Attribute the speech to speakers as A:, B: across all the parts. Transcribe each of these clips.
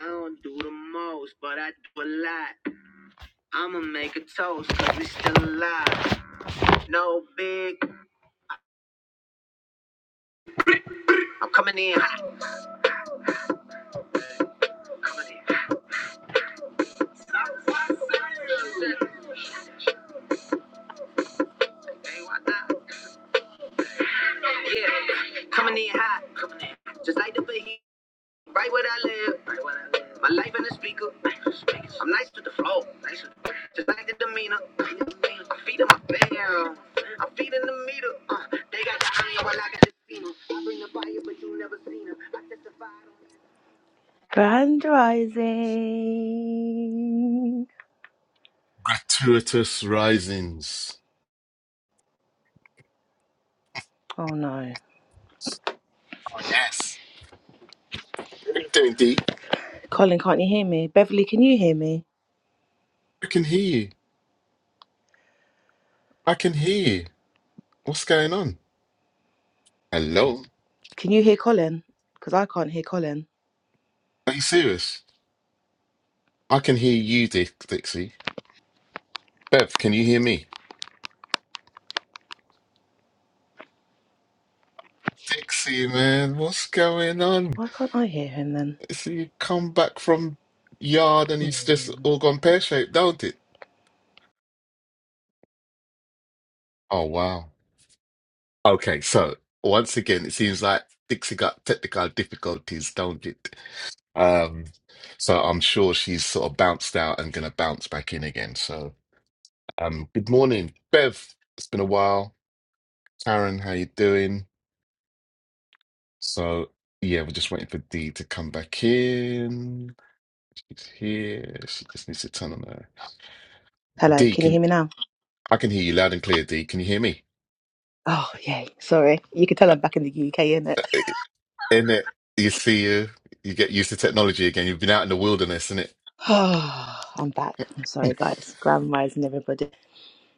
A: I don't do the most, but I do a lot. I'ma make a toast, cause we still alive. No big, I'm coming in hot. Coming in hot. Hey, why not? Yeah, coming in hot. Coming in. Just like the Bahia, right where I live. Right where I live. My life in the speaker. I'm nice with the flow. Nice with the, flow. just like the demeanor. I'm feeding my fam. I'm feeding the meter. Uh, they got the iron while I got the steamer. I bring the fire, but you never seen her. I testify. Grand Rising.
B: Gratuitous risings.
A: Oh no.
B: Oh, yes. What are you doing, D?
A: Colin, can't you hear me? Beverly, can you hear me?
B: I can hear you. I can hear you. What's going on? Hello?
A: Can you hear Colin? Because I can't hear Colin.
B: Are you serious? I can hear you, Dick Dixie. Bev, can you hear me? Dixie, man, what's going on?
A: Why can't I hear him then?
B: So you come back from yard and it's just
A: Hmm.
B: all gone pear-shaped, don't it? Oh, wow. Okay, so once again, it seems like Dixie got technical difficulties, don't it? Um, so I'm sure she's sort of bounced out and going to bounce back in again. So, um, good morning, Bev. It's been a while. Karen, how you doing? So, yeah, we're just waiting for Dee to come back in. She's here. She just needs to turn on her.
A: Hello,
B: Dee,
A: can you
B: can
A: hear me now?
B: I can hear you loud and clear, Dee. Can you hear me?
A: Oh, yay. Sorry. You can tell
B: Uh,
A: I'm back in the UK, innit?
B: In it, you see you. You get used to technology again. You've been out in the wilderness, innit?
A: Oh, I'm back. I'm sorry, guys. Grand Rising, everybody.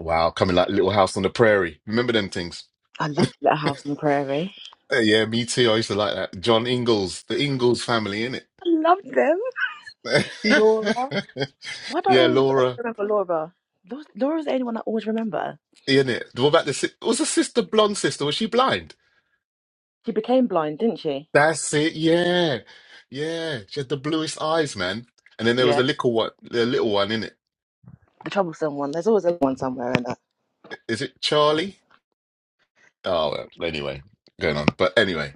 B: Wow, coming like Little House on the Prairie. Remember them things?
A: I loved Little House on the Prairie.
B: Uh, yeah, me too. I used to like that. John Ingalls, the Ingalls family, in it.
A: I loved them. Laura. Why don't I
B: Yeah,
A: always
B: Laura,
A: remember Laura? Laura's Laura's the only one I always remember.
B: in it. What about the si- was the sister blonde sister? Was she blind?
A: She became blind, didn't she?
B: That's it. Yeah, yeah. She had the bluest eyes, man. And then there was a little one, the little one in it.
A: the troublesome one. There's always a one somewhere in that.
B: Is it Charlie? Oh, well, anyway, going on. But anyway,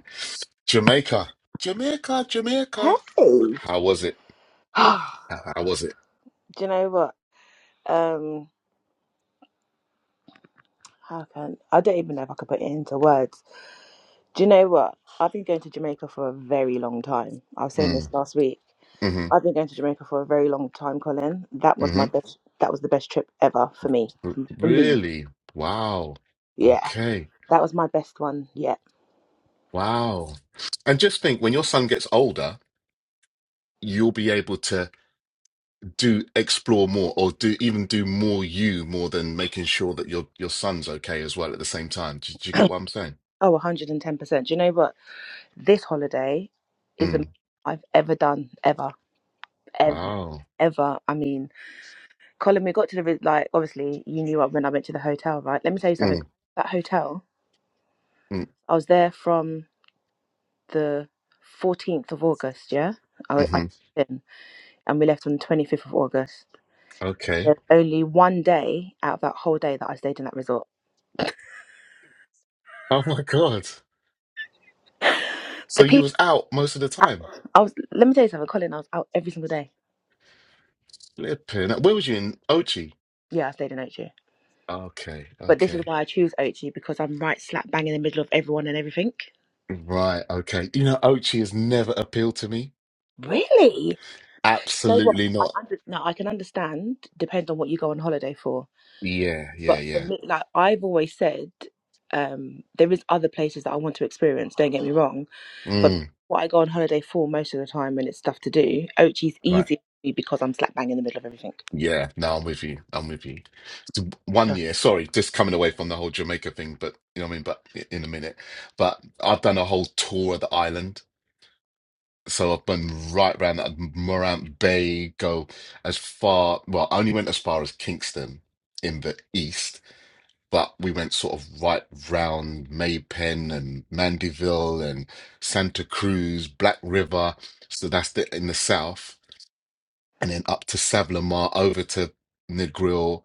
B: Jamaica, Jamaica, Jamaica.
A: Hey.
B: How was it? How how was it?
A: Do you know what? Um, how can I don't even know if I could put it into words. Do you know what? I've been going to Jamaica for a very long time. I was saying
B: Mm,
A: this last week.
B: hmm
A: I've been going to Jamaica for a very long time, Colin. That was
B: hmm
A: my best. That was the best trip ever for me. For me,
B: Really? Wow.
A: yeah,
B: Okay.
A: that was my best one yet.
B: Wow. And just think when your son gets older, you'll be able to do explore more or do even do more you more than making sure that your your son's okay as well at the same time. Do, do you get what I'm saying?
A: Oh, 110 percent. Do you know what? This holiday is the most
B: Mm.
A: I've ever done ever, ever,
B: Wow.
A: ever. I mean. Colin, we got to the like obviously you knew up when I went to the hotel, right? Let me tell you something.
B: Mm,
A: That hotel,
B: mm,
A: I was there from the 14th of August, yeah. I, I
B: hmm
A: checked in and we left on the 25th of August.
B: Okay.
A: There's only one day out of that whole day that I stayed in that resort.
B: Oh my God.
A: The
B: So you
A: people,
B: was out most of the time.
A: I was. Let me tell you something, Colin. I was out every single day.
B: Flipping. Where was you in Ochi?
A: Yeah, I stayed in Ochi,
B: Okay,
A: but this is
B: okay.
A: why I choose Ochi because I'm right slap bang in the middle of everyone and everything.
B: Right, okay. You know, Ochi has never appealed to me.
A: Really? No, what?
B: Absolutely not.
A: I under- no, I can understand. Depends on what you go on holiday for
B: Yeah, yeah,
A: But for
B: yeah.
A: me, like I've always said, um, there is other places that I want to experience. Don't get me wrong, but
B: Mm.
A: what I go on holiday for most of the time when it's stuff to do, Ochi's
B: Right.
A: easy for me because I'm slap bang in the middle of everything.
B: Yeah, no, I'm with you. I'm with you. So one year, sorry, just coming away from the whole Jamaica thing, but you know what I mean? But i- in a minute. But I've done a whole tour of the island. So I've been right round that Morant Bay, go as far, well, I only went as far as Kingston in the east, but we went sort of right round Maypen and Mandeville and Santa Cruz, Black River. So that's the in the south, and then up to Savlamar, over to Negril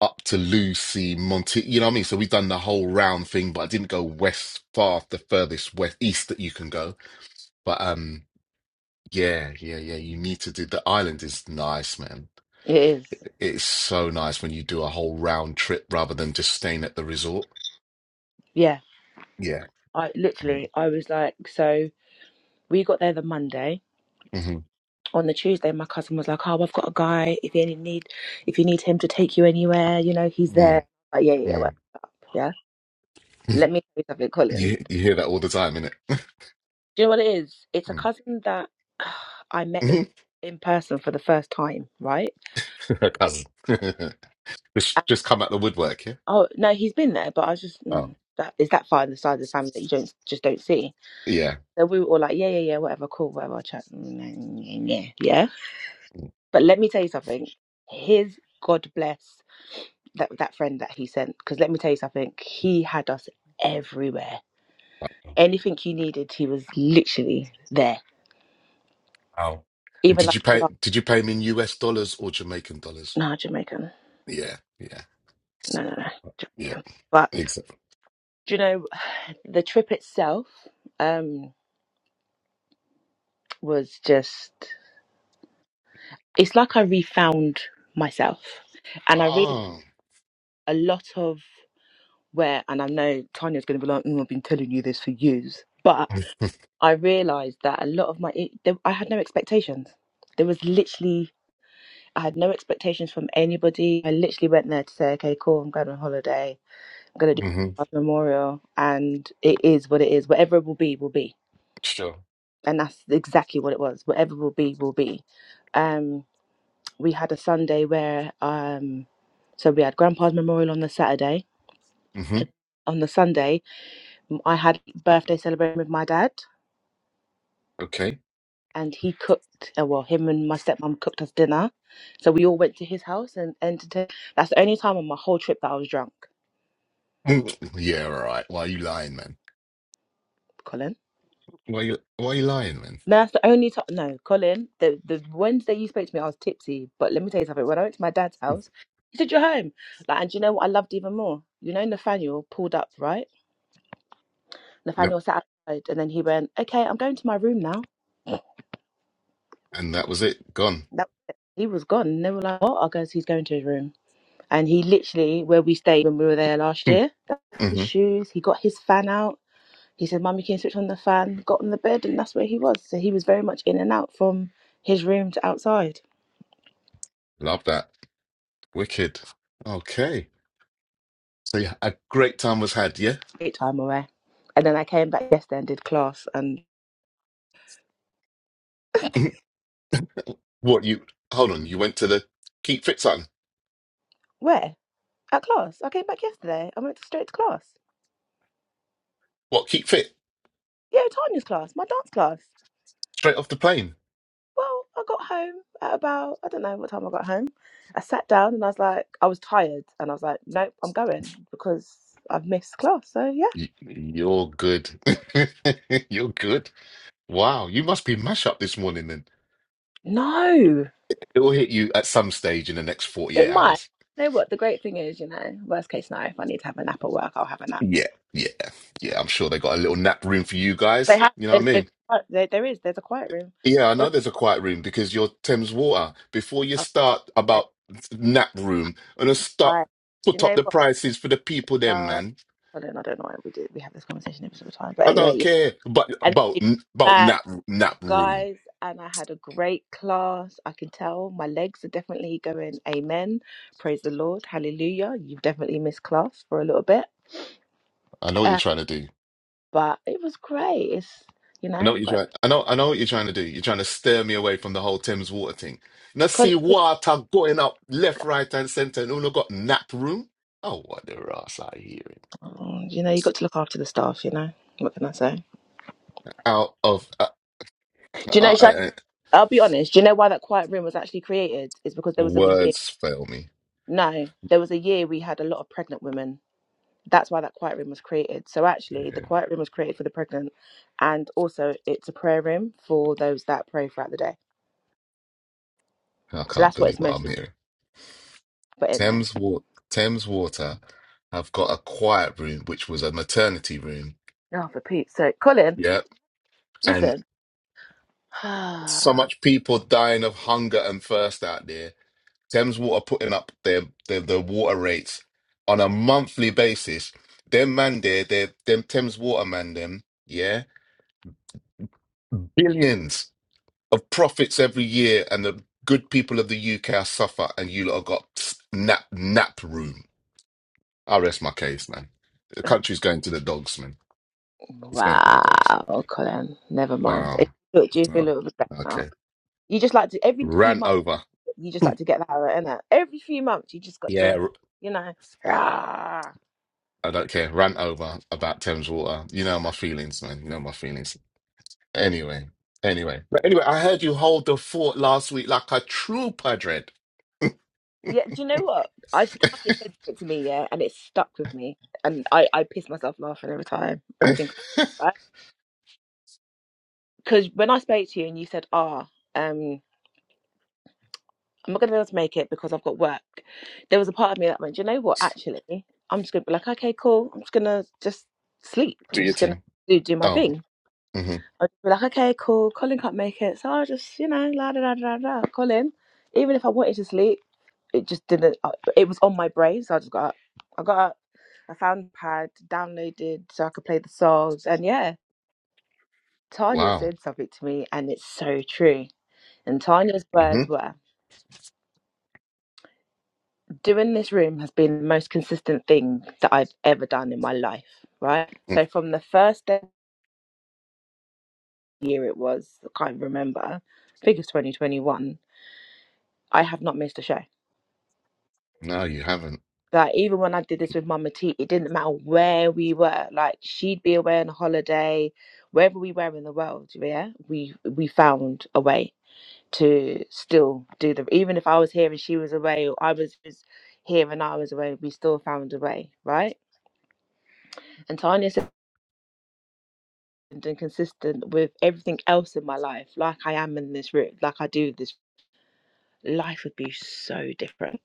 B: up to Lucy, Monty. You know what I mean? So we've done the whole round thing, but I didn't go west far, the furthest west east that you can go. But um, yeah, yeah, yeah. You need to do the island is nice, man.
A: It is,
B: It- It's so nice when you do a whole round trip rather than just staying at the resort.
A: yeah.
B: Yeah.
A: I
B: Um,
A: literally, I was like, so we got there the Monday.
B: Mm-hmm.
A: On the Tuesday, my cousin was like, "Oh, I've got a guy. If you any need, if you need him to take you anywhere, you know, he's
B: Mm,
A: there." Like, yeah, yeah, yeah, well,
B: mm.
A: yeah. Let me tell you something, Colin.
B: You you hear that all the time, innit?
A: Do you know what it is? It's a cousin that I met in
B: Mm.
A: in person for the first time, right?
B: Cousin.
A: And-
B: just just come out the woodwork, yeah.
A: oh no, he's been there, but I was just
B: Oh,
A: mm, that is that far in the side of the family that you don't just don't see.
B: yeah.
A: So we were all like, yeah, yeah, yeah, whatever, cool, whatever, I'll chat, Mm, nah, yeah, yeah, yeah. But let me tell you something. His God bless that that friend that he sent, because let me tell you something. He had us everywhere.
B: Mm.
A: Anything you needed, he was literally there.
B: Wow. And
A: Even
B: did
A: like,
B: you pay did you pay him in US dollars or Jamaican dollars?
A: no Jamaican,
B: Yeah, yeah,
A: no, no, no,
B: yeah,
A: Jamaican. but.
B: exactly.
A: Do you know, the trip itself um, was just, it's like I refound myself. And I realized
B: Oh.
A: a lot of where, and I know Tanya's going to be like, "Mm, I've been telling you this for years, but I realized that a lot of my, it, there, I had no expectations. There was literally, I had no expectations from anybody. I literally went there to say, okay, cool, I'm going on holiday. I'm going to do
B: hmm
A: a memorial. And it is what it is. Whatever it will be, will be
B: Sure.
A: and that's exactly what it was. Whatever will be, will be. Um, we had a Sunday where, um, so we had Grandpa's memorial on the Saturday.
B: hmm
A: On the Sunday, m- I had birthday celebration with my dad,
B: Okay.
A: and he cooked. Uh, well, him and my stepmom cooked us dinner, so we all went to his house and entertained. That's the only time on my whole trip that I was drunk,
B: Mm, Yeah, all right. Why are you lying, man?
A: Colin.
B: Why you why are you lying, man?
A: No, That's the only time. No, Colin, the, the Wednesday you spoke to me, I was tipsy. But let me tell you something. When I went to my dad's house, he said, You're home. Like, and do you know what I loved even more? You know, Nathaniel pulled up, right?
B: Yep.
A: Nathaniel sat outside and then he went, Okay, I'm going to my room now.
B: And that was it. Gone.
A: That He was gone. And they were like, What? I goes, He's going to his room. And he literally, where we stayed when we were there last year, took his
B: Mm-hmm.
A: shoes, he got his fan out. He said, Mummy, can you switch on the fan? Got on the bed, and that's where he was. So he was very much in and out from his room to outside.
B: Love that. Wicked. Okay. So yeah, a great time was had, yeah?
A: great time away. And then I came back yesterday and did class. And
B: What you hold on, you went to the Keep Fit son.
A: where? At class. I came back yesterday. I went straight to class.
B: What, keep fit?
A: Yeah, Tanya's class, my dance class.
B: Straight off the plane.
A: Well, I got home at about, I don't know what time I got home. I sat down and I was like, I was tired. And I was like, nope, I'm going because I've missed class. So yeah.
B: Y- You're good. You're good. Wow, you must be mash up this morning then.
A: No,
B: It will hit you at some stage in the next
A: it
B: 48
A: might.
B: hours.
A: You know what? The great thing is, you know, worst case scenario, if I need to have a nap at work, I'll have a nap.
B: Yeah, yeah, yeah. I'm sure they got a little nap room for you
A: They
B: guys.
A: have,
B: You know what I
A: they, they,
B: mean?
A: there there is, there's a quiet room.
B: Yeah, I
A: Oh,
B: know there's a quiet room because you're Thames Water. Before you start
A: okay.
B: about nap room, I'm gonna
A: All
B: start
A: right. You
B: put up
A: know
B: the prices for the people then,
A: what?
B: man.
A: I don't, I don't know why we did. We have this conversation every single time. But
B: I
A: anyway,
B: don't
A: yeah.
B: care about
A: And we
B: about
A: came
B: about
A: back,
B: nap nap room.
A: guys, and I had a great class. I can tell my legs are definitely going, Amen. Praise the Lord. Hallelujah. You've definitely missed class for a little bit.
B: I know what you're
A: Uh,
B: trying to do.
A: but it was great. It's, you know,
B: I know what
A: I've
B: you're
A: got
B: trying. I know. I know what you're trying to do. You're trying to steer me away from the whole Thames water thing. Now see
A: colleagues.
B: water going up left, right, and centre, and all got nap room. Oh, what the ass I hearing
A: Oh, You know, you got to look after the staff, you know. What can I say?
B: out of uh,
A: Do you know,
B: uh, I,
A: shall
B: I,
A: I, I'll be honest. Do you know why that quiet room was actually created? It's because there was a year.
B: words fail me.
A: No, there was a year we had a lot of pregnant women that's why that quiet room was created. So actually, the
B: Yeah.
A: quiet room was created for the pregnant, and also it's a prayer room for those that pray throughout the day.
B: I
A: So
B: can't
A: that's what
B: believe
A: it's
B: what I'm
A: mostly.
B: hearing.
A: But anyway,
B: Thames water. Thames water have got a quiet room, which was a maternity room.
A: oh, for Pete's sake, Colin,
B: Yep, and
A: listen.
B: so
A: wow,
B: much people dying of hunger and thirst out there Thames Water putting up their, their their water rates on a monthly basis. Them man there, they them Thames Water man them, yeah, billions of profits every year, and the good people of the UK are suffer, and you lot have got s- nap nap room. I rest my case, man. The country's going to the dogs, man. It's going to the dogs.
A: Colin, never mind.
B: Wow.
A: It- Look, do you feel a
B: Oh,
A: little bit better now?
B: okay.
A: You just like to every few
B: Rant
A: months,
B: over.
A: you just like to get that out, innit? Every few months, you just got
B: Yeah,
A: to,
B: r-
A: you know.
B: I don't care. Rant over about Thames Water. You know my feelings, man. You know my feelings. Anyway, anyway, but anyway, I heard you hold the fort last week like a true padre.
A: Yeah, do you know what? I s- Tanya said it to me, yeah, and it stuck with me, and I I piss myself laughing every time I
B: Do
A: think about it. Because when I spoke to you and you said, "Ah, um, I'm not gonna be able to make it because I've got work," there was a part of me that went, do "You know what? Actually, I'm just gonna be like, okay, cool. I'm just gonna just sleep. I'm
B: your
A: just gonna
B: thing.
A: do do my
B: Oh,
A: thing."
B: hmm
A: I'd just be like, okay, cool. Colin can't make it, so i just, you know, la da da da da. da, Colin, even if I wanted to sleep, it just didn't. I- It was on my brain, so I just got up. I got up. I found a pad, downloaded so I could play the songs, and yeah, Tanya
B: wow.
A: said something to me, and it's so true. And Tanya's
B: hmm
A: words were, "Doing this room has been the most consistent thing that I've ever done in my life." Right. So from the first day year it was, I can't remember. I think it's 2021. I have not missed a show
B: No, you haven't.
A: Like even when I did this with Mama T, it didn't matter where we were. Like she'd be away on holiday, wherever we were in the world. Yeah, we we found a way to still do the. Even if I was here and she was away, or I was was here and I was away, we still found a way, right? And Tanya's and consistent with everything else in my life, like I am in this room, like I do this. Life would be so different.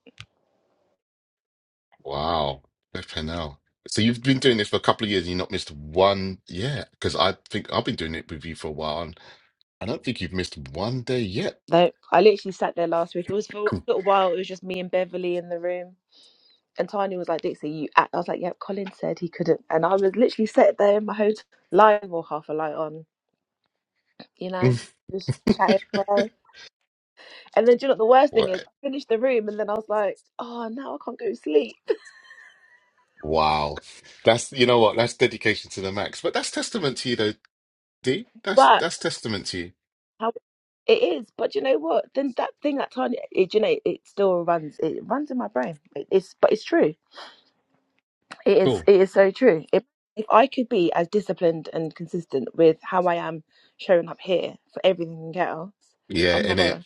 B: Wow. Flipping hell. So you've been doing this for a couple of years and you've not missed one yet? Because I think I've been doing it with you for a while and I don't think you've missed one day yet.
A: Like I literally sat there last week. It was for a little while. It was just me and Beverly in the room And Tanya was like, Dixie, you act. I was like, yep, Colin said he couldn't. And I was literally sat there in my hotel, lying or half a light on, you know, just chatting around. And then, do you know what the worst thing is?
B: What?
A: I finished the room and then I was like, oh, now I can't go to sleep.
B: Wow. That's, you know what? That's dedication to the max. But that's testament to you though, D. That's,
A: But
B: that's testament to you.
A: how it is. But do you know what? Then that thing that Tanya, it, do you know, it still runs. It runs in my brain. It, it's, but it's true. It is
B: Cool.
A: it is so true. If if I could be as disciplined and consistent with how I am showing up here for everything else, oh
B: Yeah,
A: my
B: innit?
A: gosh,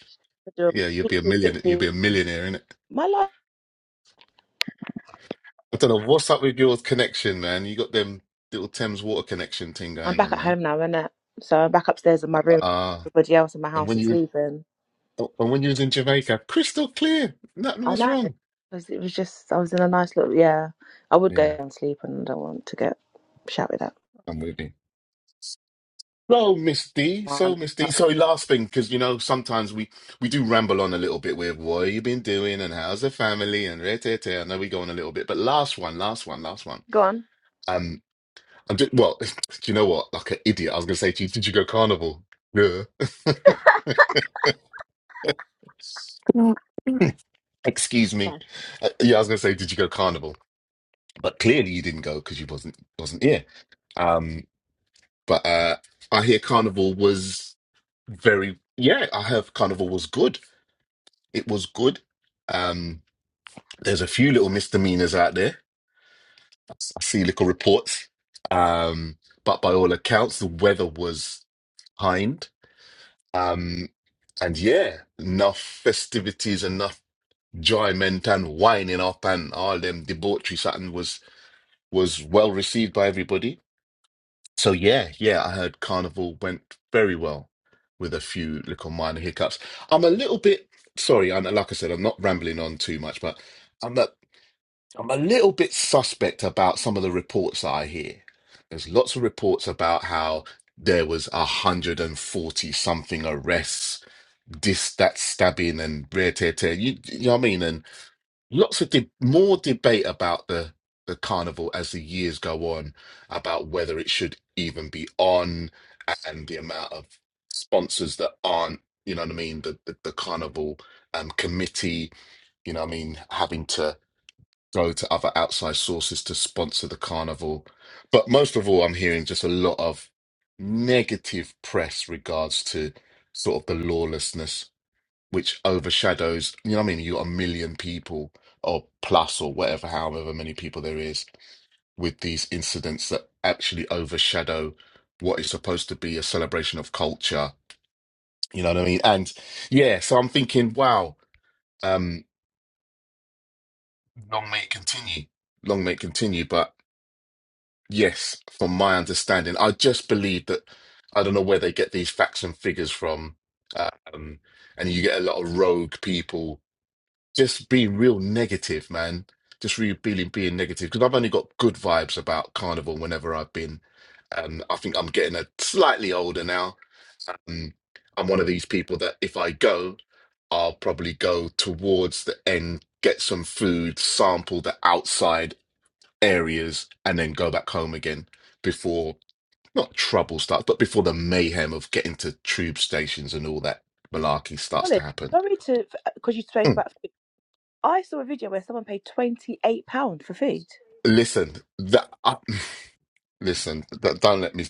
A: I do a
B: Yeah, you'd
A: complete
B: be a million. You'd be
A: 360.
B: a millionaire, innit?
A: My life.
B: I don't know what's up with your connection, man. You got them little Thames water connection thing
A: I'm
B: going
A: back
B: on,
A: at
B: man.
A: home now, innit? So I'm back upstairs in my room.
B: Ah,
A: Everybody else in my
B: and
A: house
B: when
A: is
B: you
A: sleeping.
B: and when you was in Jamaica, crystal clear, nothing
A: I
B: was
A: know.
B: wrong.
A: 'Cause it was just I was in a nice little yeah. I would go
B: Yeah,
A: and sleep, and I don't want to get shouted
B: I'm with you. So, Miss D, so Miss D,
A: at.
B: sorry, last thing, because you know sometimes we we do ramble on a little bit with what you been doing and how's the family and re-te-te. I know we go on a little bit, but last one, last one, last one.
A: Go on.
B: Um, I'm just, well, do you know what? Like an idiot, I was gonna say to you, did you go carnival? Yeah. Excuse me.
A: No.
B: Uh, yeah, I was gonna say, did you go carnival? But clearly you didn't go because you wasn't wasn't here. Um, but uh, I hear carnival was very yeah. I heard carnival was good. It was good. Um, there's a few little misdemeanors out there. I s- I see little reports. Um, but by all accounts, the weather was kind. Um, and yeah, enough festivities, enough enjoyment and winding up and all them debauchery satin was was well received by everybody. So yeah, yeah, I heard Carnival went very well with a few little minor hiccups. I'm a little bit sorry, and like I said, I'm not rambling on too much, but I'm a, I'm a little bit suspect about some of the reports that I hear. There's lots of reports about how there was a hundred and forty something arrests, this, that stabbing and rare tear tear. You, you know what I mean? And lots of de- more debate about the the carnival as the years go on about whether it should even be on and the amount of sponsors that aren't you know what i mean the the, the carnival um committee you know what i mean having to go to other outside sources to sponsor the carnival but most of all i'm hearing just a lot of negative press regards to sort of the lawlessness which overshadows, you know what I mean? You got a million people or plus or whatever, however many people there is with these incidents that actually overshadow what is supposed to be a celebration of culture. You know what I mean? And yeah, so I'm thinking, wow, um, long may it continue. Long may it continue. But yes, from my understanding, I just believe that I don't know where they get these facts and figures from. uh, Um, and you get a lot of rogue people just being real negative, man. Just really being being negative because I've only got good vibes about Carnival whenever I've been. Um, I think I'm getting a slightly older now. Um, I'm one of these people that if I go, I'll probably go towards the end, get some food, sample the outside areas, and then go back home again before not trouble starts, but before the mayhem of getting to tube stations and all that malarkey starts to
A: Ollie,
B: happen.
A: sorry to because you spoke
B: Mm.
A: about food. I saw a video where someone paid twenty eight pound for food.
B: Listen, that. I, Listen, d- don't let me,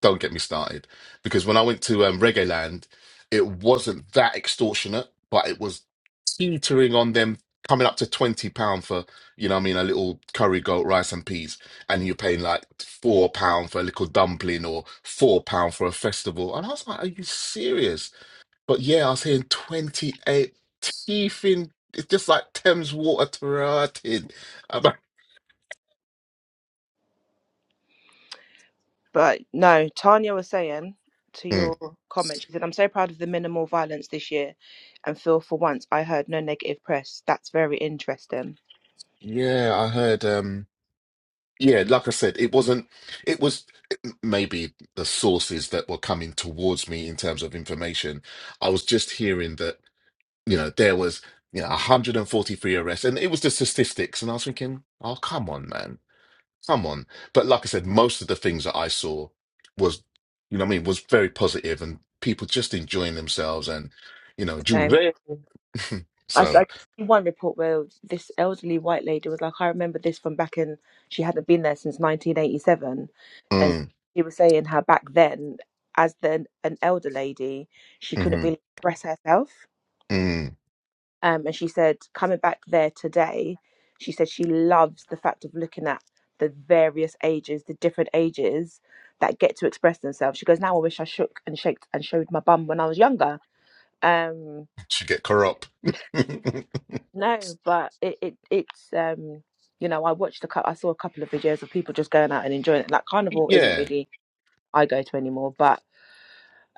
B: don't get me started. Because when I went to um, Reggae Land, it wasn't that extortionate, but it was teetering on them coming up to twenty pound for, you know, what I mean, a little curry goat, rice and peas, and you're paying like four pound for a little dumpling or four pound for a festival. And I was like, are you serious? But yeah, I was hearing twenty eight teething. It's just like Thames water throated. i
A: God. But no, Tanya was saying to your comment, she said, I'm so proud of the minimal violence this year and feel for once I heard no negative press. That's very interesting.
B: Yeah, I heard. um yeah, like I said, it wasn't, it was maybe the sources that were coming towards me in terms of information. I was just hearing that, you know, there was, you know, 143 arrests and it was the statistics. And I was thinking, oh, come on, man, come on. But like I said, most of the things that I saw was, you know what I mean, was very positive and people just enjoying themselves and, you know,
A: Same.
B: Juve.
A: I, s-
B: So,
A: I did one report where this elderly white lady was like, I remember this from back in, she hadn't been there since 1987. And
B: mm,
A: she was saying how back then, as then an elder lady, she couldn't
B: hmm
A: really express herself
B: mm,
A: um, and she said coming back there today she said she loves the fact of looking at the various ages the different ages that get to express themselves she goes now i wish i shook and shaked and showed my bum when i was younger um
B: should get corrupt.
A: no but it, it it's um you know i watched a cou- i saw a couple of videos of people just going out and enjoying it like carnival isn't
B: yeah.
A: really i go to anymore but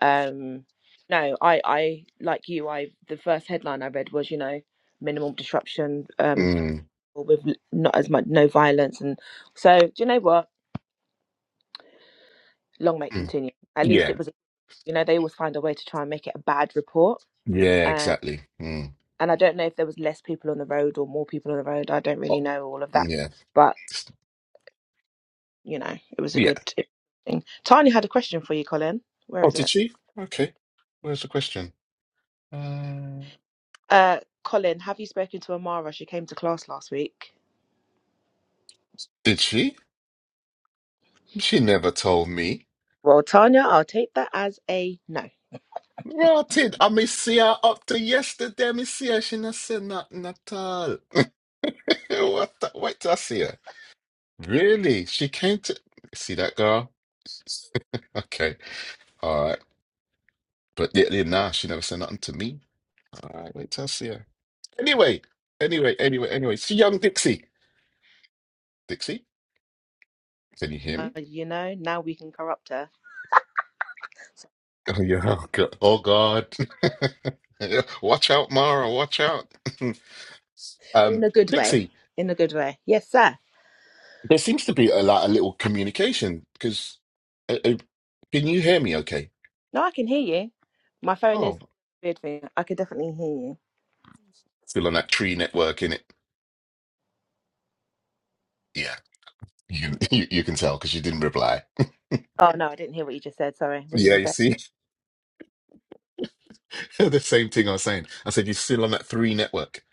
A: um no i i like you i the first headline i read was you know minimal disruption um
B: Mm,
A: with l- not as much no violence and so do you know what long may it
B: mm.
A: continue at
B: Yeah.
A: least it was you know they always find a way to try and make it a bad report
B: Yeah,
A: and
B: exactly. Mm.
A: and i don't know if there was less people on the road or more people on the road i don't really
B: Oh,
A: know all of that
B: yeah.
A: but you know it was a
B: Yeah.
A: good thing tanya had a question for you colin where
B: Oh,
A: is
B: did
A: it
B: she? Okay. Where's the question? Uh,
A: uh colin have you spoken to amara she came to class last week
B: did she? She never told me.
A: well tanya i'll take that as a no
B: Rotted. I me see her up to yesterday. Me see her. She not said nothing at all. What the, wait till I see her. Really? She came to see that girl? Okay. All right. But yeah, yeah, nah, she never said nothing to me. All right, wait till I see her. Anyway, anyway, anyway, anyway. See young Dixie. Dixie, can you hear me?
A: uh, you know now we can corrupt her
B: Oh yeah. Oh God. Oh, God. Yeah. Watch out, Mara. Watch out.
A: But in
B: Um,
A: a good way
B: Dixie,
A: in a good way yes sir
B: there seems to be a lot, a little communication because uh, uh, can you hear me? Okay.
A: No, I can hear you. My phone is
B: Oh,
A: weird thing. I could definitely hear you.
B: still on that tree network, in it. Yeah, you you, you can tell because you didn't reply.
A: Oh no, I didn't hear what you just said. Sorry. What did you
B: Yeah,
A: just
B: you
A: say?
B: see, the same thing I was saying. I said you're still on that three network.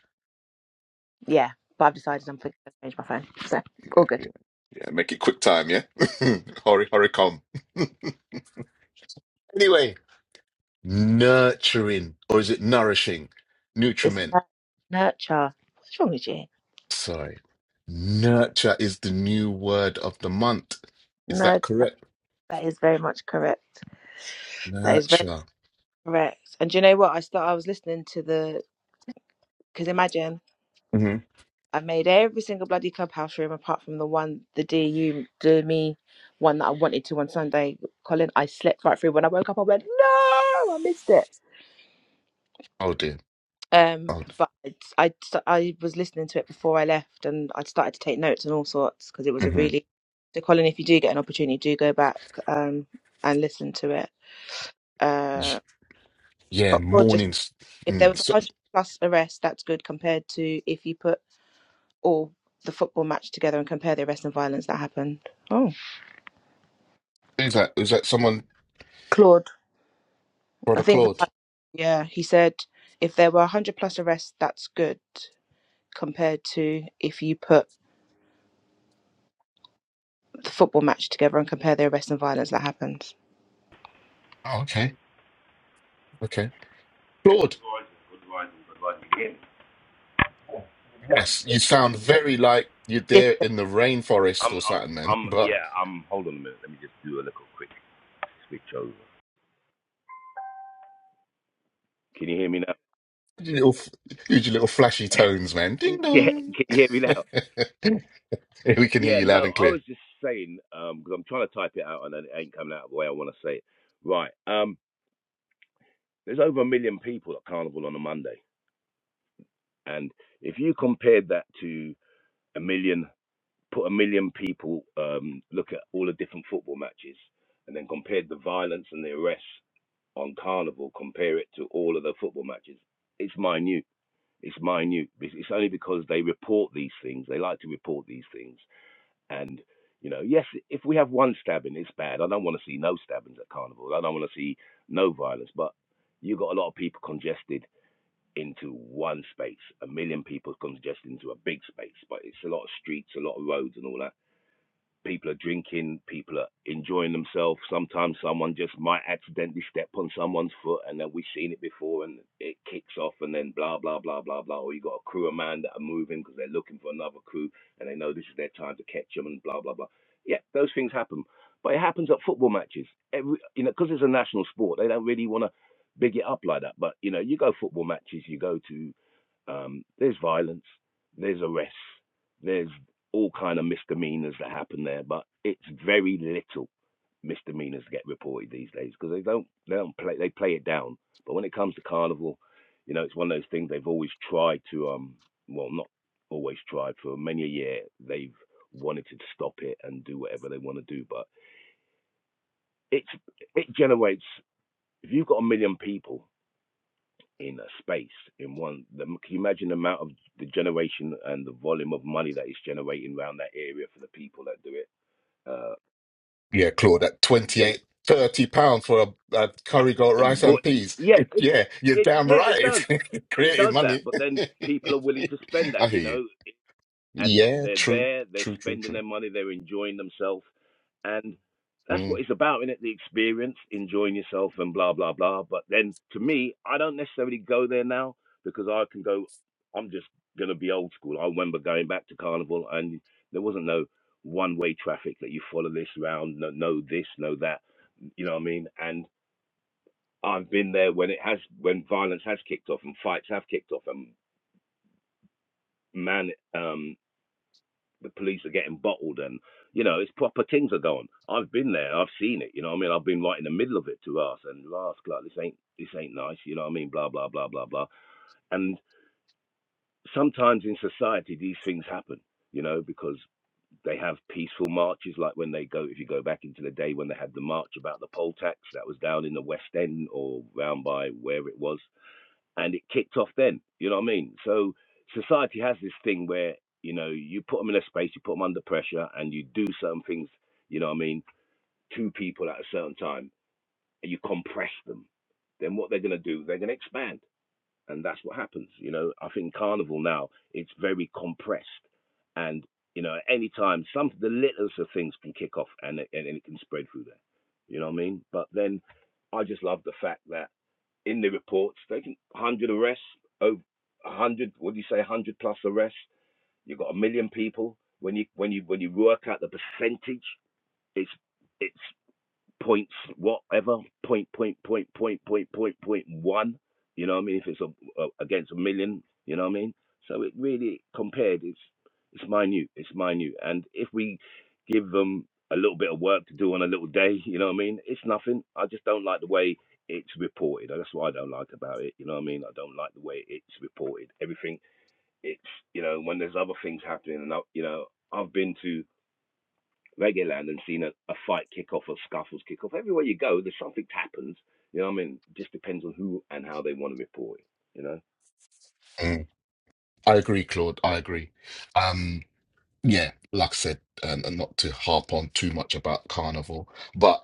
A: Yeah, but I've decided I'm going to change my phone. So all good.
B: Yeah, yeah make it quick time. Yeah, hurry, hurry, come. anyway, nurturing or is it nourishing?
A: It's
B: Nutriment.
A: nur- nurture. What's wrong with you?
B: Sorry. Nurture is the new word of the month. Is that
A: Nurture.
B: correct?
A: That is very much correct. That is very
B: Nurture.
A: correct. And do you know what? I start. I was listening to the because imagine
B: hmm
A: I made every single bloody clubhouse room apart from the one the DU do me one that I wanted to on Sunday. Colin, I slept right through. When I woke up, I went no, I missed it
B: Oh dear.
A: Um,
B: Oh.
A: but it's- I, st- I was listening to it before I left, and i started to take notes and all sorts because it was a
B: hmm
A: really. So, Colin, if you do get an opportunity, do go back um, and listen to it. Uh,
B: Yeah.
A: but or just
B: Mornings.
A: if there
B: Mm.
A: was a
B: So,
A: hundred plus arrests, that's good compared to if you put all the football match together and compare the arrests and violence that happened. Oh,
B: who's that? Is that someone?
A: Claude, I
B: Brother
A: think
B: Claude.
A: the yeah he said if there were a hundred plus arrests, that's good compared to if you put the football match together and compare the arrest and violence that happens.
B: Oh, okay. Okay. Claude.
C: Yeah,
B: Yes. You sound very like you're
A: Did
B: there in the
C: I'm,
B: rainforest
C: I'm,
B: or something, man. But
C: yeah, I'm. Hold on a minute. Let me just do a little quick switch over. Can you hear me now?
B: your little, use your little flashy tones, man. Ding
C: Yeah,
B: dong.
C: can you hear me now?
B: we can hear
C: Yeah,
B: you loud
C: no,
B: and
C: I
B: clear.
C: was just saying um because I'm trying to type it out and it ain't coming out the way I want to say it. Right. Um, there's over a million people at Carnival on a Monday, and if you compared that to a million, put a million people, um, look at all the different football matches, and then compared the violence and the arrests on Carnival, compare it to all of the football matches. It's minute It's minute. It's only because they report these things. They like to report these things. And, you know, yes, if we have one stabbing, it's bad. I don't want to see no stabbings at carnivals. I don't want to see no violence. But you got a lot of people congested into one space. A million people congested into a big space. But it's a lot of streets, a lot of roads and all that people are drinking, people are enjoying themselves. Sometimes someone just might accidentally step on someone's foot, and then we've seen it before, and it kicks off, and then blah blah blah blah blah. Or you got a crew of man that are moving because they're looking for another crew, and they know this is their time to catch them, and blah blah blah. Yeah, those things happen, but it happens at football matches. Every you know, because it's a national sport, they don't really want to big it up like that. But you know, you go football matches, you go to um, there's violence, there's arrests, there's all kind of misdemeanors that happen there, but it's very little misdemeanors get reported these days because they don't they don't play they play it down. But when it comes to carnival, you know, it's one of those things they've always tried to um well not always tried for many a year they've wanted to stop it and do whatever they want to do, but it's it generates if you've got a million people in a space in one the, can you imagine the amount of the generation and the volume of money that is generating around that area for the people that do it uh
B: Yeah, Claude, at 28 30 pounds for a, a curry goat rice
C: but
B: and peas.
C: yeah
B: It,
C: it,
B: yeah,
C: it,
B: you're
C: it
B: damn
C: yeah it does
B: right.
C: it
B: Creating
C: does that
B: money.
C: but then people are willing to spend that
B: I hear
C: you
B: you.
C: know and
B: Yeah,
C: they're
B: true,
C: there, they're
B: true, true,
C: spending
B: true.
C: their money, they're enjoying themselves, and that's
B: Mm,
C: what it's about, isn't it? The experience, enjoying yourself, and blah blah blah. But then, to me, I don't necessarily go there now because I can go. I'm just gonna be old school. I remember going back to carnival, and there wasn't no one-way traffic that you follow this round, no, no this, no that. You know what I mean? And I've been there when it has, when violence has kicked off and fights have kicked off, and man. um. the police are getting bottled and you know it's proper things are going i've been there i've seen it you know what i mean i've been right in the middle of it to us and ask like this ain't this ain't nice you know what i mean blah blah blah blah blah and sometimes in society these things happen you know because they have peaceful marches like when they go if you go back into the day when they had the march about the poll tax that was down in the west end or round by where it was and it kicked off then. You know what I mean? So society has this thing where you know you put them in a space, you put them under pressure, and you do certain things. You know what I mean? To people at a certain time, and you compress them. Then what they're gonna do? They're gonna expand, and that's what happens. You know, I think carnival now it's very compressed, and you know, at any time, some the littlest of things can kick off, and it- and it can spread through there. You know what I mean? But then, I just love the fact that in the reports, they can 100 arrests, over 100, what do you say, 100 plus arrests. You've got a million people. When you when you when you work out the percentage, it's it's points, whatever, point, point, point, point, point, point, point one. You know what I mean? If it's a, a, against a million, you know what I mean? So it really compared, it's it's minute, it's minute. And if we give them a little bit of work to do on a little day, you know what I mean? It's nothing. I just don't like the way it's reported. That's what I don't like about it. You know what I mean? I don't like the way it's reported. Everything, it's you know when there's other things happening, and I, you know I've been to Land and seen a, a fight kick off or scuffles kick off. Everywhere you go, there's something that happens. You know what I mean? It Just depends on who and how they want to report it, you know?
B: mm. I agree, Claude. I agree. Um, yeah, like I said, and, and not to harp on too much about carnival, but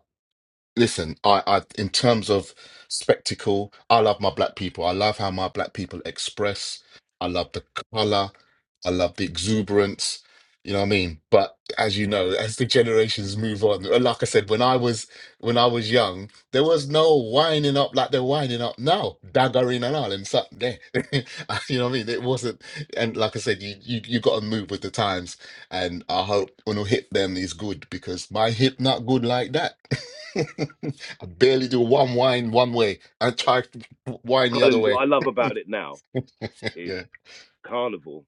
B: listen, I, I in terms of spectacle, I love my black people. I love how my black people express. I love the color. I love the exuberance. You know what I mean? But as you know, as the generations move on, and like I said, when I was when I was young, there was no winding up like they're winding up now, daggering and all and something there. you know what I mean? It wasn't, and like I said, you you, you got to move with the times and I hope when I hit them is good because my hip not good like that. I barely do one wind one way and try to wind the other
C: Colin, what
B: way.
C: I love about it now is
B: Yeah,
C: Carnival,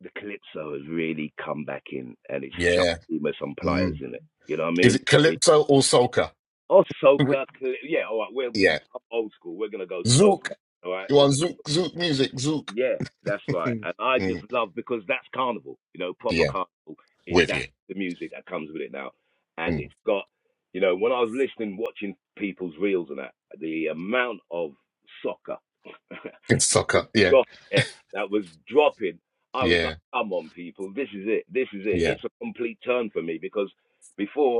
C: the Calypso has really come back in and it's
B: yeah.
C: shocking with some pliers
B: Mm.
C: in it. You know what I
B: Is
C: mean?
B: it
C: It,
B: calypso or soca?
C: oh,
B: Wh-
C: soca. Yeah, all right. We're
B: yeah,
C: old school. We're going to go
B: zouk.
C: soca. All right?
B: You
C: We're
B: want
C: going to
B: zouk zouk music? Zouk.
C: Yeah, that's right. And I just
B: Mm.
C: love because that's carnival. You know, proper
B: Yeah,
C: carnival is
B: with
C: that
B: you.
C: the music that comes with it now, and
B: Mm.
C: it's got. You know, when I was listening, watching people's reels and that, the amount of soccer
B: It's
C: was
B: Soca. Yeah,
C: drop, eh, that was dropping. I was
B: yeah,
C: like, "Come on, people, this is it. This is it."
B: yeah.
C: It's a complete turn for me because before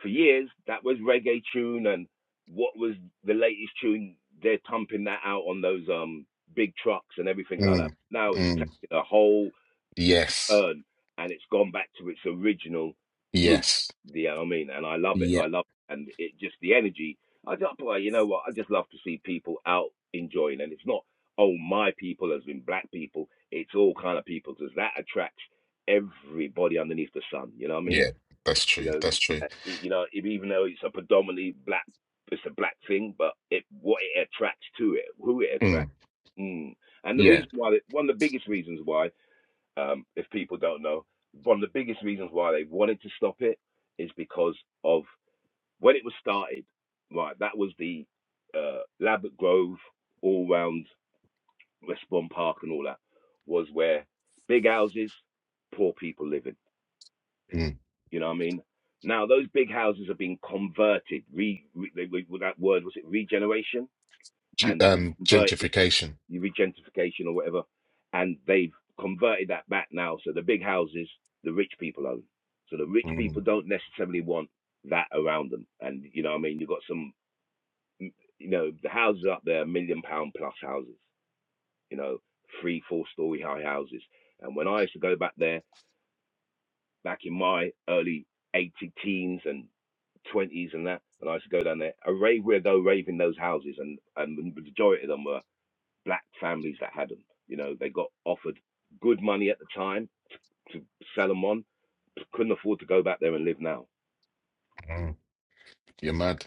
C: for years that was reggae tune and what was the latest tune they're thumping that out on those um big trucks and everything like that
B: Mm.
C: now it's
B: Mm.
C: taken a whole
B: Yes,
C: urn and it's gone back to its original root
B: yes,
C: do you know what i mean and i love it
B: yeah,
C: i love it. and it just the energy i just boy you know what i just love to see people out enjoying and it's not oh my people as in black people it's all kind of people because that attracts everybody underneath the sun you know what i mean
B: yeah. That's
C: you
B: true.
C: know,
B: That's true.
C: uh, e- you know, even though it's a predominantly black, it's a black thing, but it what it attracts to it, who it
B: Mm.
C: attracts, mm. and the
B: Yeah.
C: reason why, they, one of the biggest reasons why, um, if people don't know, one of the biggest reasons why they wanted to stop it is because of when it was started, right? That was the uh, Labatt Grove, all round Westbourne Park, and all that was where big houses, poor people living
B: Mm.
C: you know what I mean? Now those big houses have been converted. Re, re they, they- that word was it regeneration
B: Ju-
C: and been
B: um,
C: converted
B: gentrification.
C: regentification or whatever, and they've converted that back now. So the big houses, the rich people own. So the rich
B: Mm,
C: people don't necessarily want that around them. And you know what I mean? You've got some, you know, the houses up there, million pound plus houses. You know, three, four story high houses. And when I used to go back there back in my early 80 teens and 20s and that. And I used to go down there. A rave, we'd go rave in those houses, and, and the majority of them were black families that had them. You know, they got offered good money at the time to sell them on, couldn't afford to go back there and live now.
B: mm. You're mad.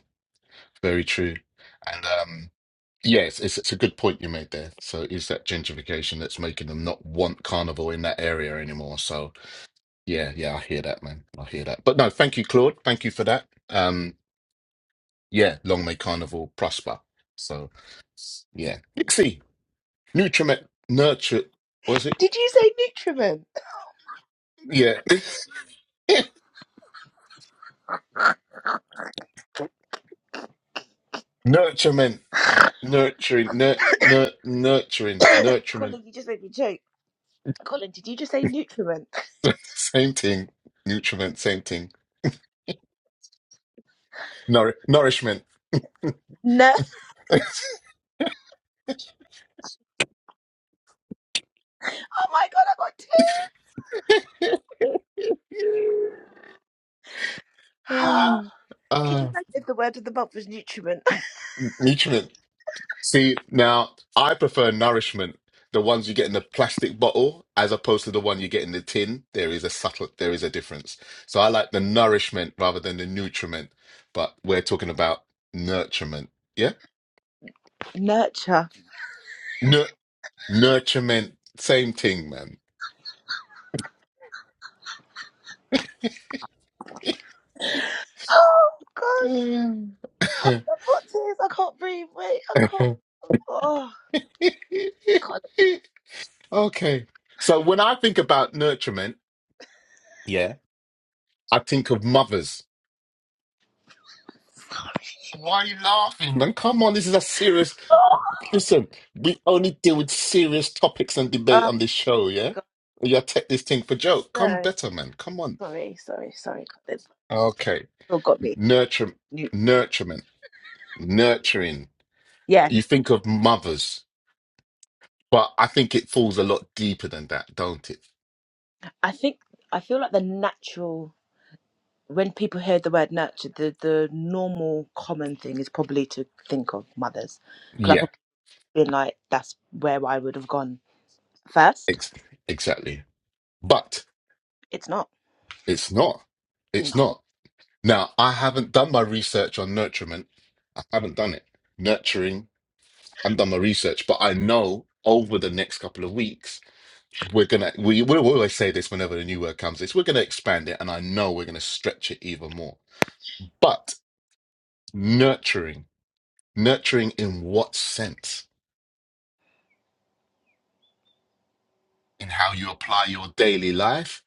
B: Very true. And um, yes, it's, it's a good point you made there. So is that gentrification that's making them not want carnival in that area anymore? So yeah, yeah, I hear that, man. I hear that. But no, thank you, Claude. Thank you for that. Um, yeah, long may carnival prosper. So yeah, Nixie, nutriment, nurture. Was it?
A: did you say nutriment?
B: Yeah. Nurturement, nurturing, nur, nur, nurturing, nurturement.
A: Colin, you just made me joke. Colin, did you just say nutriment?
B: Same thing. Nutriment, same thing. Nour- nourishment.
A: No. Oh my god, I got tears.
B: Ah,
A: Could you
B: ah,
A: imagine if the word of the month was nutriment?
B: nutriment. See, now I prefer nourishment, the ones you get in the plastic bottle, as opposed to the one you get in the tin. There is a subtle, there is a difference. So I like the nourishment rather than the nutriment. But we're talking about nurturement. Yeah?
A: Nurture.
B: Nur- nurturement, same thing,
A: Oh god,
B: man.
A: I've got tears. I can't breathe. Wait, I can't. Oh god.
B: Okay. So when I think about nurturement, Yeah. I think of mothers. Why are you laughing? Man, come on, this is a serious.
A: Oh,
B: Listen, we only deal with serious topics and debate
A: oh
B: on this show, yeah?
A: god.
B: You take this thing for joke. Come
A: No.
B: better, man. Come on.
A: Sorry, sorry, sorry, Colin.
B: Okay.
A: Still got me.
B: Nurture,
A: Nu-
B: nurturement, nurturing. You
A: Yes,
B: think of mothers, but I think it falls a lot deeper than that, don't it?
A: I think I feel like the natural. when people hear the word nurture, the, the normal common thing is probably to think of mothers. Because I've
B: Yeah,
A: probably been like, that's where I would have gone first.
B: ex- exactly. But
A: It's not.
B: it's not.
A: No.
B: It's not. Now, I haven't done my research on nurturement. I haven't done it. Nurturing, I haven't done my research, but I know over the next couple of weeks, we're gonna we we always say this whenever the new word comes, is we're gonna expand it and I know we're gonna stretch it even more. But nurturing, nurturing in what sense? In how you apply your daily life,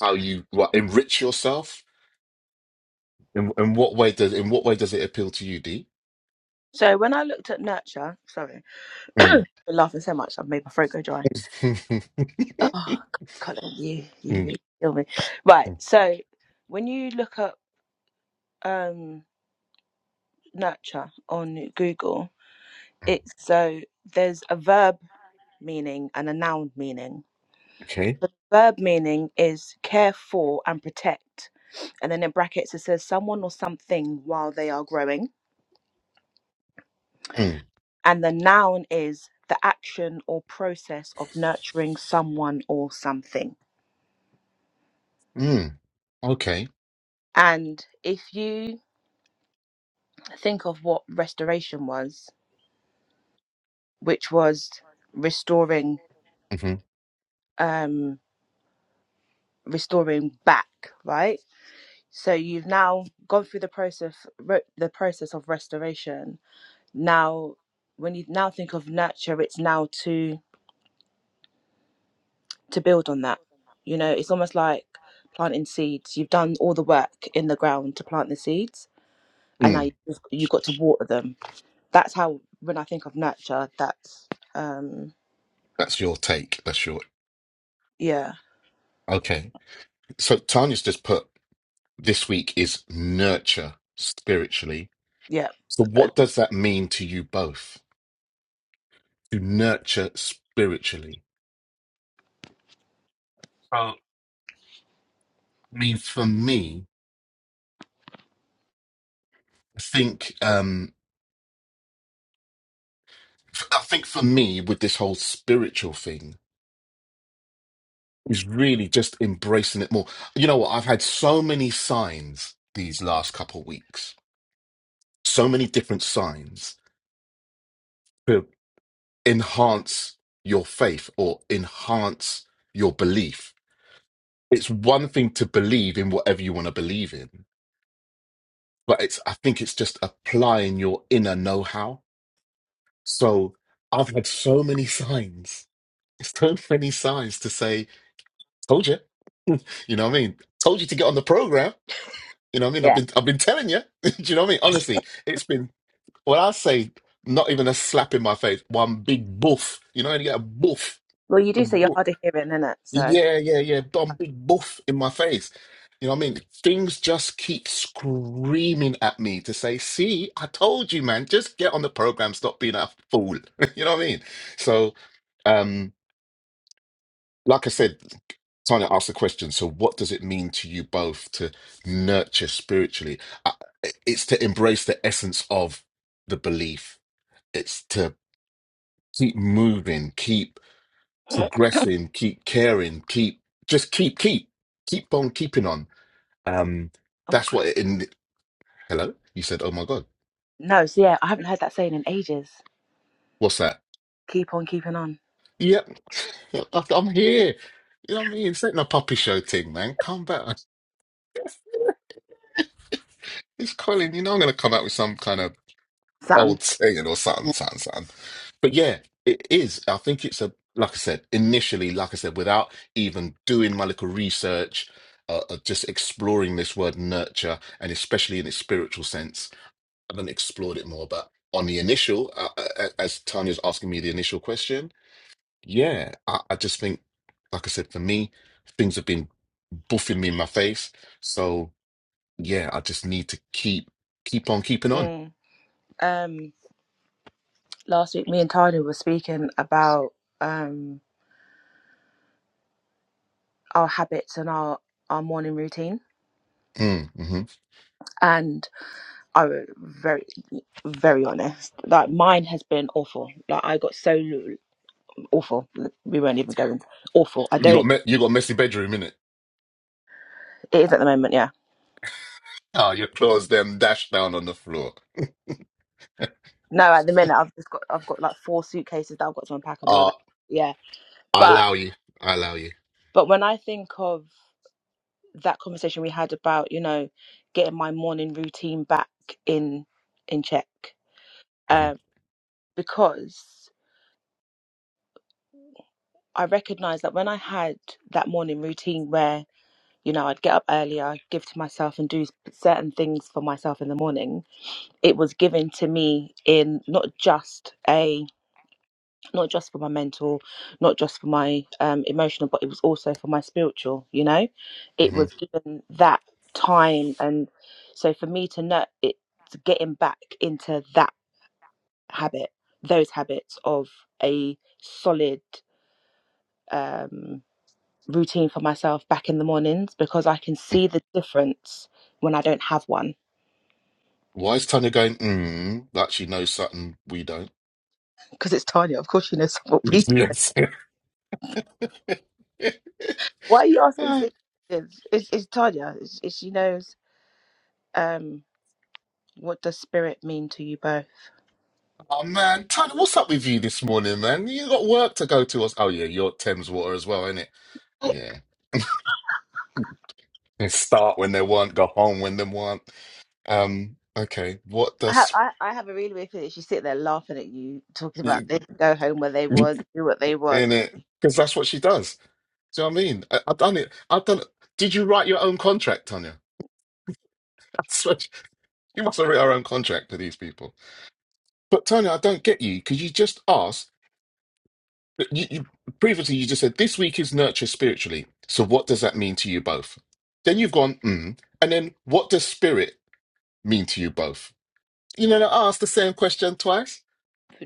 B: how you what, enrich yourself. In, in what way does in what way does it appeal to you, D?
A: So when I looked at nurture, sorry, I'm
B: Mm.
A: laughing so much I've made my throat go dry. Oh, Colin, you, you
B: Mm, mm, mm.
A: really kill me. Right. So when you look up um, nurture on Google, it's so there's a verb meaning and a noun meaning The verb meaning is care for and protect. And then in brackets, it says someone or something while they are growing.
B: Okay.
A: And the noun is the action or process of nurturing someone or something.
B: Mm, okay.
A: And if you think of what restoration was, which was restoring,
B: hmm
A: um, restoring back, right? So you've now gone through the process, re- the process of restoration, now when you now think of nurture it's now to to build on that you know it's almost like planting seeds you've done all the work in the ground to plant the seeds and now
B: Mm,
A: you've, you've got to water them that's how when i think of nurture that's um
B: that's your take. That's your
A: yeah
B: okay. So Tanya's just put this week is nurture spiritually.
A: yeah
B: So what does that mean to you both? To nurture spiritually. So I mean, for me, I think um f- I think for me with this whole spiritual thing is really just embracing it more. You know what? I've had so many signs these last couple weeks. So many different signs enhance your faith or enhance your belief. It's one thing to believe in whatever you want to believe in, but it's I think it's just applying your inner know-how. So I've had so many signs, so many signs to say, told you. You know what I mean? Told you to get on the program. You know what I mean? I've been I've been telling you. Do you know what I mean? Honestly, it's been well, I say not even a slap in my face, one big boof. You know, and you get a boof.
A: well you do say you're hard of hearing isn't it so
B: Yeah, yeah, yeah. do big boof in my face. You know what I mean? Things just keep screaming at me to say, see, I told you, man, just get on the program, stop being a fool. You know what I mean? So, um, like I said, Tanya asked the question, so what does it mean to you both to nurture spiritually? I- It's to embrace the essence of the belief. It's to keep moving, keep
A: oh
B: progressing, keep caring, keep just keep keep keep on keeping on. Um,
A: my
B: that's
A: god
B: what. It, in hello, you said, "Oh my god,
A: no so yeah i haven't heard that saying in ages
B: what's that?"
A: keep on keeping on
B: Yep, I'm here. You know what I mean? It's ain't no puppy show thing, man. Come back. It's Colin. You know I'm gonna come out with some kind of
A: something
B: old saying or something, something, something. But yeah, it is. I think it's a like I said initially, like I said, without even doing my little research. Uh, uh, just exploring this word nurture and especially in its spiritual sense haven't explored it more, but on the initial, uh, uh, as Tanya's asking me the initial question, yeah, I, I just think, like I said, for me, things have been buffing me in my face. So yeah, I just need to keep keep on keeping on.
A: mm. um last week me and tanya were speaking about um our habits and our our morning routine
B: Mm, hmm
A: and i were very very honest like mine has been awful like i got so awful we won't even go into awful i
B: You got
A: don't
B: me- you got a messy bedroom, innit?
A: it is at the moment yeah
B: Oh, your clothes them dashed down on the floor.
A: no at the minute i've just got i've got like four suitcases that i've got to unpack and all of
B: Ah.
A: that yeah
B: I
A: but
B: allow you. I allow you.
A: but when i think of that conversation we had about you know getting my morning routine back in in check
B: hmm
A: um because i recognized that when i had that morning routine where you know, I'd get up earlier. i give to myself and do certain things for myself in the morning. It was given to me in not just a, not just for my mental, not just for my um, emotional, but it was also for my spiritual, you know? It
B: hmm
A: was given that time. And so for me to know it's getting back into that habit, those habits of a solid, um, routine for myself back in the mornings because I can see the difference when I don't have one.
B: Why is Tanya going, mm, that she knows something we don't?
A: Because it's Tanya, of course she knows what we.
B: Yes.
A: Why are you asking? si-
B: oh,
A: It's, it's, it's Tanya. It's, it's, she knows um, what does spirit mean to you both.
B: man. Tanya, what's up with you this morning, man? You got work to go to. Us. Oh, yeah, you're Thames Water as well, ain't it? Yeah. They start when they want, go home when they want. Um, okay. What
A: I,
B: does,
A: I I have a really weird feeling She sit there laughing at you, talking about
B: in
A: this, go home where they want, do what they want.
B: it? Because that's what she does. Do you know what I mean? I, I've done it. I've done it. Did you write your own contract, Tanya? That's what she, she must have written her own contract to these people. But Tanya, I don't get you because you just asked. You, you, previously, you just said this week is nurture spiritually. So, what does that mean to you both? Then you've gone, mm, and then what does spirit mean to you both? You know, I asked the same question twice.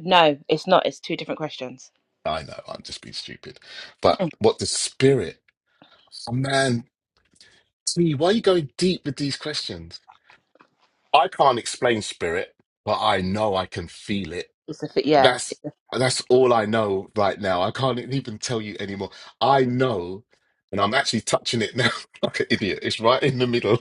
A: No, it's not. It's two different questions.
B: I know, I'm just being stupid. But what does spirit? Oh, man, T, why are you going deep with these questions? I can't explain spirit, but I know I can feel it.
A: It's a fit. Yeah.
B: That's
A: It's a,
B: that's all I know right now. I can't e-, even tell you anymore. I know, and I'm actually touching it now like an idiot. It's right in the middle,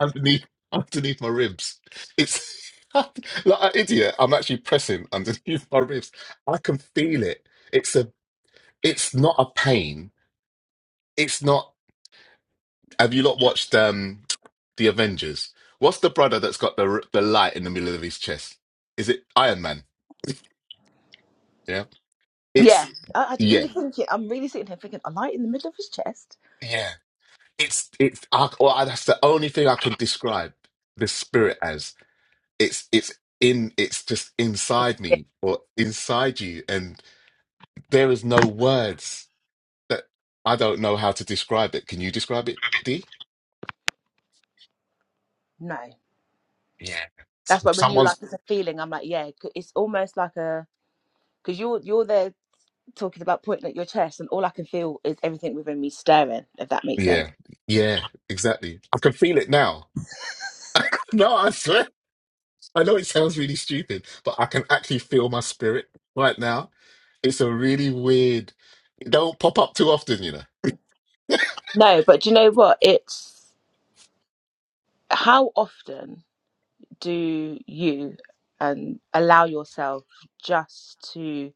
B: underneath underneath my ribs. It's like an idiot. I'm actually pressing underneath my ribs. I can feel it. It's a. It's not a pain. It's not. Have you not watched um the Avengers? What's the brother that's got the the light in the middle of his chest? Is it Iron Man? Yeah.
A: yeah.
B: It's
A: I, I really
B: yeah.
A: think it. I'm really sitting here thinking, a light in the middle of his chest?
B: Yeah. it's it's I, well, that's the only thing I can describe the spirit as. It's it's in it's just inside
A: Yeah.
B: me or inside you, and there is no words that I don't know how to describe it. Can you describe it, D?
A: No.
B: Yeah. S-
A: That's why
B: if
A: when you were like,
B: Someone's
A: it's a feeling, I'm like, yeah, c- it's almost like a because you're you're there talking about pointing at your chest, and all I can feel is everything within me staring. If that makes sense.
B: yeah yeah exactly. I can feel it now. No, I swear. I know it sounds really stupid, but I can actually feel my spirit right now. It's a really weird. It don't pop up too often, you know.
A: No, but do you know what? It's how often do you and allow yourself just to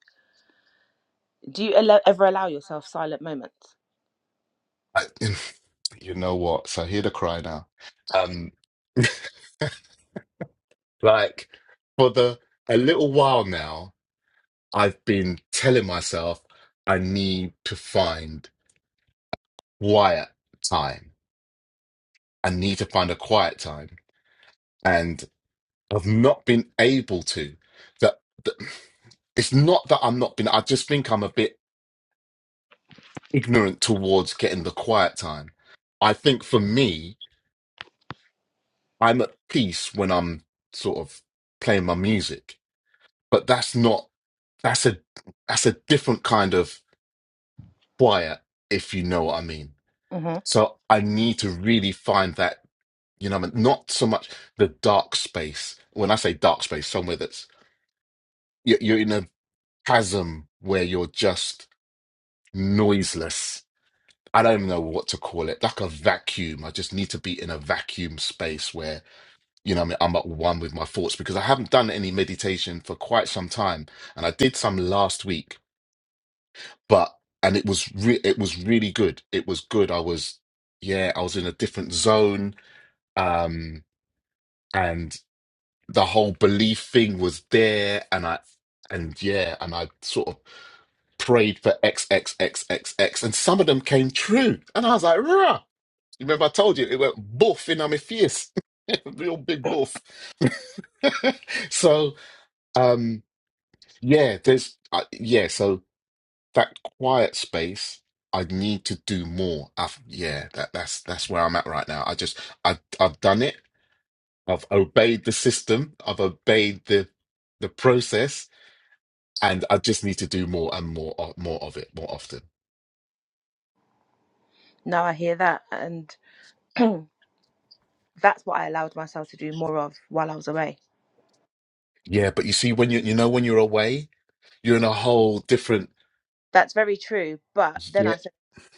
A: do you allow, ever allow yourself silent moments?
B: I, you know what? So I hear the cry now. Um, like for the a little while now, I've been telling myself I need to find quiet time. I need to find a quiet time, I've not been able to. That, that it's not that I'm not been. I just think I'm a bit ignorant towards getting the quiet time. I think for me, I'm at peace when I'm sort of playing my music, but that's not. That's a that's a different kind of quiet, if you know what I mean.
A: hmm
B: So I need to really find that. You know, what I mean? not so much the dark space. When I say dark space, somewhere that's you you're in a chasm where you're just noiseless. I don't know what to call it, like a vacuum. I just need to be in a vacuum space where, you know, what I mean, I'm at one with my thoughts because I haven't done any meditation for quite some time, and I did some last week, but and it was re- it was really good. It was good. I was, yeah, I was in a different zone, um, and the whole belief thing was there, and I, and yeah, and I sort of prayed for x x x x x, and some of them came true, and I was like, "Rah!" Remember, I told you it went boof in on my face, real big boof. so, um, yeah, there's, uh, yeah, so that quiet space, I need to do more. I've, yeah, that, that's that's where I'm at right now. I just, i I've done it. I've obeyed the system. I've obeyed the the process, and I just need to do more and more, of- more of it, more often.
A: Now I hear that, and that's what I allowed myself to do more of while I was away.
B: Yeah, but you see, when you, you know, when you're away, you're in a whole different,
A: That's very true. But then
B: yeah,
A: I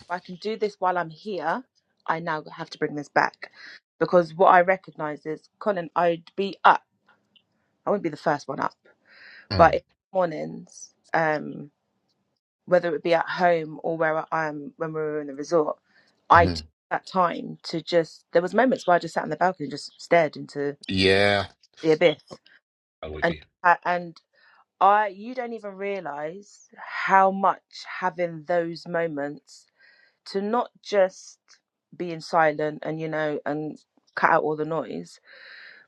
A: I can do this while I'm here, I now have to bring this back. Because what I recognise is, Colin, I'd be up. I wouldn't be the first one up, but
B: mm,
A: in the mornings, um, whether it be at home or where I am when we were in the resort, I took
B: mhm.
A: that time to just. There was moments where I just sat on the balcony and just stared into
B: yeah.
A: the abyss,
B: I'm with
A: and
B: you.
A: uh, and I, you don't even realise how much having those moments to not just be in silent and you know and cut out all the noise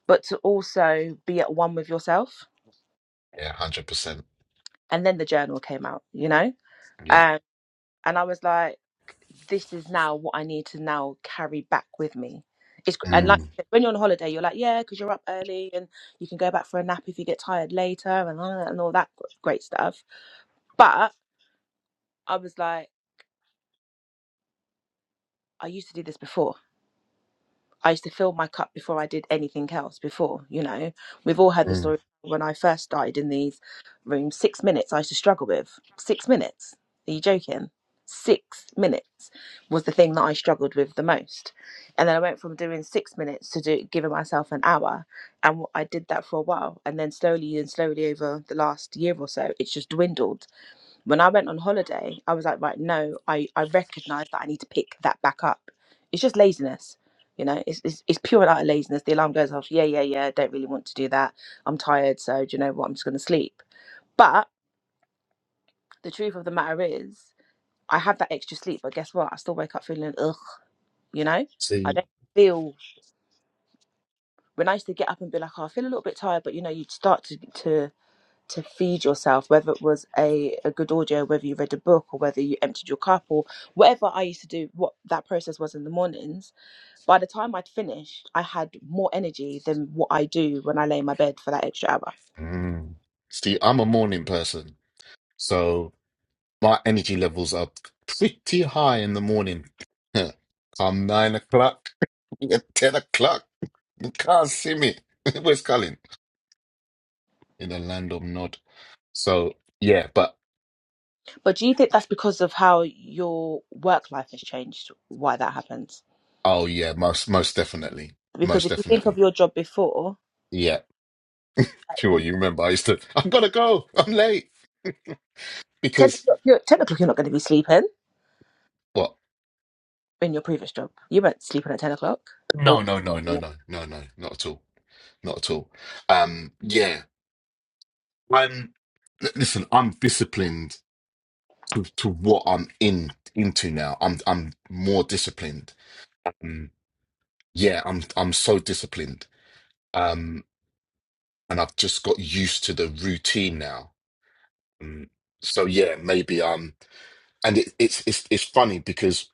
A: but to also be at one with yourself
B: Yeah, hundred percent.
A: and then the journal came out you know
B: Yeah.
A: um, and i was like this is now what i need to now carry back with me it's and like
B: Mm,
A: when you're on holiday you're like yeah because you're up early and you can go back for a nap if you get tired later and, uh, and all that great stuff but i was like i used to do this before I used to fill my cup before I did anything else before, you know. We've all heard the
B: mm.
A: story when I first started in these rooms, six minutes I used to struggle with. Six minutes. Are you joking? Six minutes was the thing that I struggled with the most. And then I went from doing six minutes to do, giving myself an hour. And I did that for a while. And then slowly and slowly over the last year or so, it's just dwindled when I went on holiday, I was like, right, no, I, I recognize that I need to pick that back up. It's just laziness. You know, it's, it's, it's pure and utter laziness. The alarm goes off. Yeah, yeah, yeah. Don't really want to do that. I'm tired. So, do you know what? I'm just going to sleep. But the truth of the matter is, I have that extra sleep. But guess what? I still wake up feeling, ugh, you know? I
B: See,
A: don't feel when I used to get up and be like, oh, I feel a little bit tired, but you know, you'd start to to to feed yourself, whether it was a, a good audio, whether you read a book or whether you emptied your cup or whatever I used to do, what that process was in the mornings, by the time I'd finished, I had more energy than what I do when I lay in my bed for that extra hour.
B: mm. see, I'm a morning person, so my energy levels are pretty high in the morning. Huh. Come nine o'clock, ten o'clock, you can't see me. Where's Colin? In the land of Nod. So yeah, but
A: But do you think that's because of how your work life has changed, why that happens?
B: oh yeah, most most definitely,
A: Because
B: most
A: if you think of
B: definitely.
A: your job before,
B: Yeah,
A: at
B: sure. You remember I used to. I'm gonna go. I'm late
A: 10
B: because
A: o'clock, you're, 10 o'clock you're not going to be sleeping
B: what?
A: in your previous job. You weren't sleeping at 10 o'clock. Or
B: No, no, no, no, no, no, no, not at all not at all. Um, yeah, I'm. l- Listen, I'm disciplined to, to what I'm in into now. I'm I'm more disciplined. Um, yeah, I'm I'm so disciplined. Um, and I've just got used to the routine now. Um, so yeah, maybe um, and it, it's it's it's funny because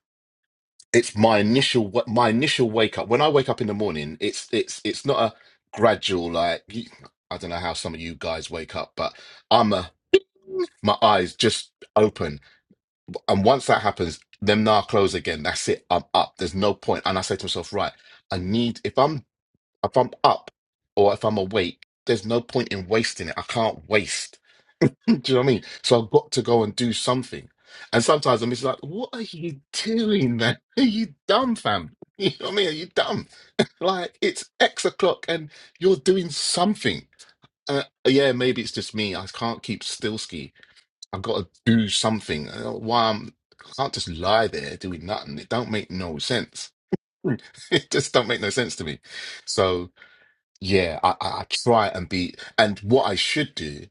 B: it's my initial wa- my initial wake up. When I wake up in the morning, it's it's it's not a gradual like you- I don't know how some of you guys wake up, but I'm a my eyes just open. And once that happens, them now close again. That's it. I'm up. There's no point. And I say to myself, right, I need if I'm if I'm up or if I'm awake, there's no point in wasting it. I can't waste. Do you know what I mean? So I've got to go and do something. And sometimes I'm just like, what are you doing, man? Are you dumb, fam? You know what I mean? Are you dumb? Like it's X o'clock and you're doing something. Uh, yeah, maybe it's just me. I can't keep still I've got to do something. I don't know Why I'm, I can't just lie there doing nothing. It don't make no sense. Mm. It just don't make no sense to me. So yeah, I, I, I try and be. And what I should do,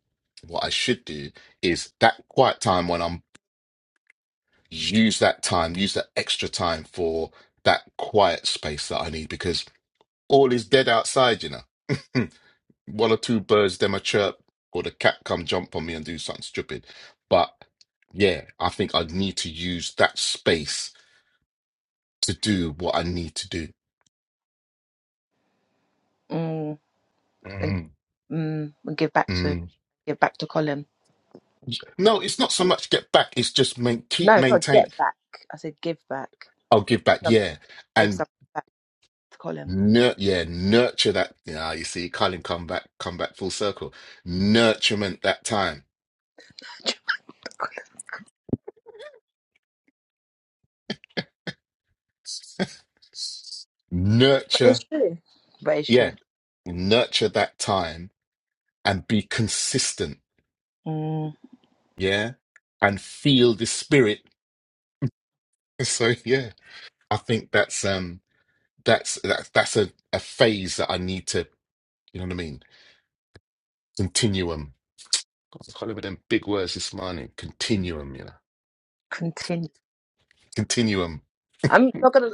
B: what I should do is that quiet time when I'm use that time, use that extra time for that quiet space that I need because all is dead outside, you know. one or two birds them a chirp or the cat come jump on me and do something stupid. But yeah, I think i need to use that space to do what I need to do.
A: Mm, and,
B: Mm.
A: mm, and give back to
B: Mm.
A: give back to Colin.
B: No, it's not so much get back. It's just main, keep
A: No, not
B: maintain.
A: get back. I said give back.
B: I'll give back.
A: Some,
B: Yeah,
A: give
B: and
A: something back to Colin.
B: nur- yeah, nurture that. Yeah, you see, Colin, come back, come back full circle. Nurturement that time. Nurture,
A: but it's true.
B: yeah, nurture that time and be consistent
A: Mm,
B: yeah, and feel the spirit. So yeah, I think that's um that's that's that's a, a phase that I need to you know what I mean? Continuum. God, I can't remember them big words this morning. Continuum, you know.
A: continue.
B: Continuum.
A: I'm not gonna.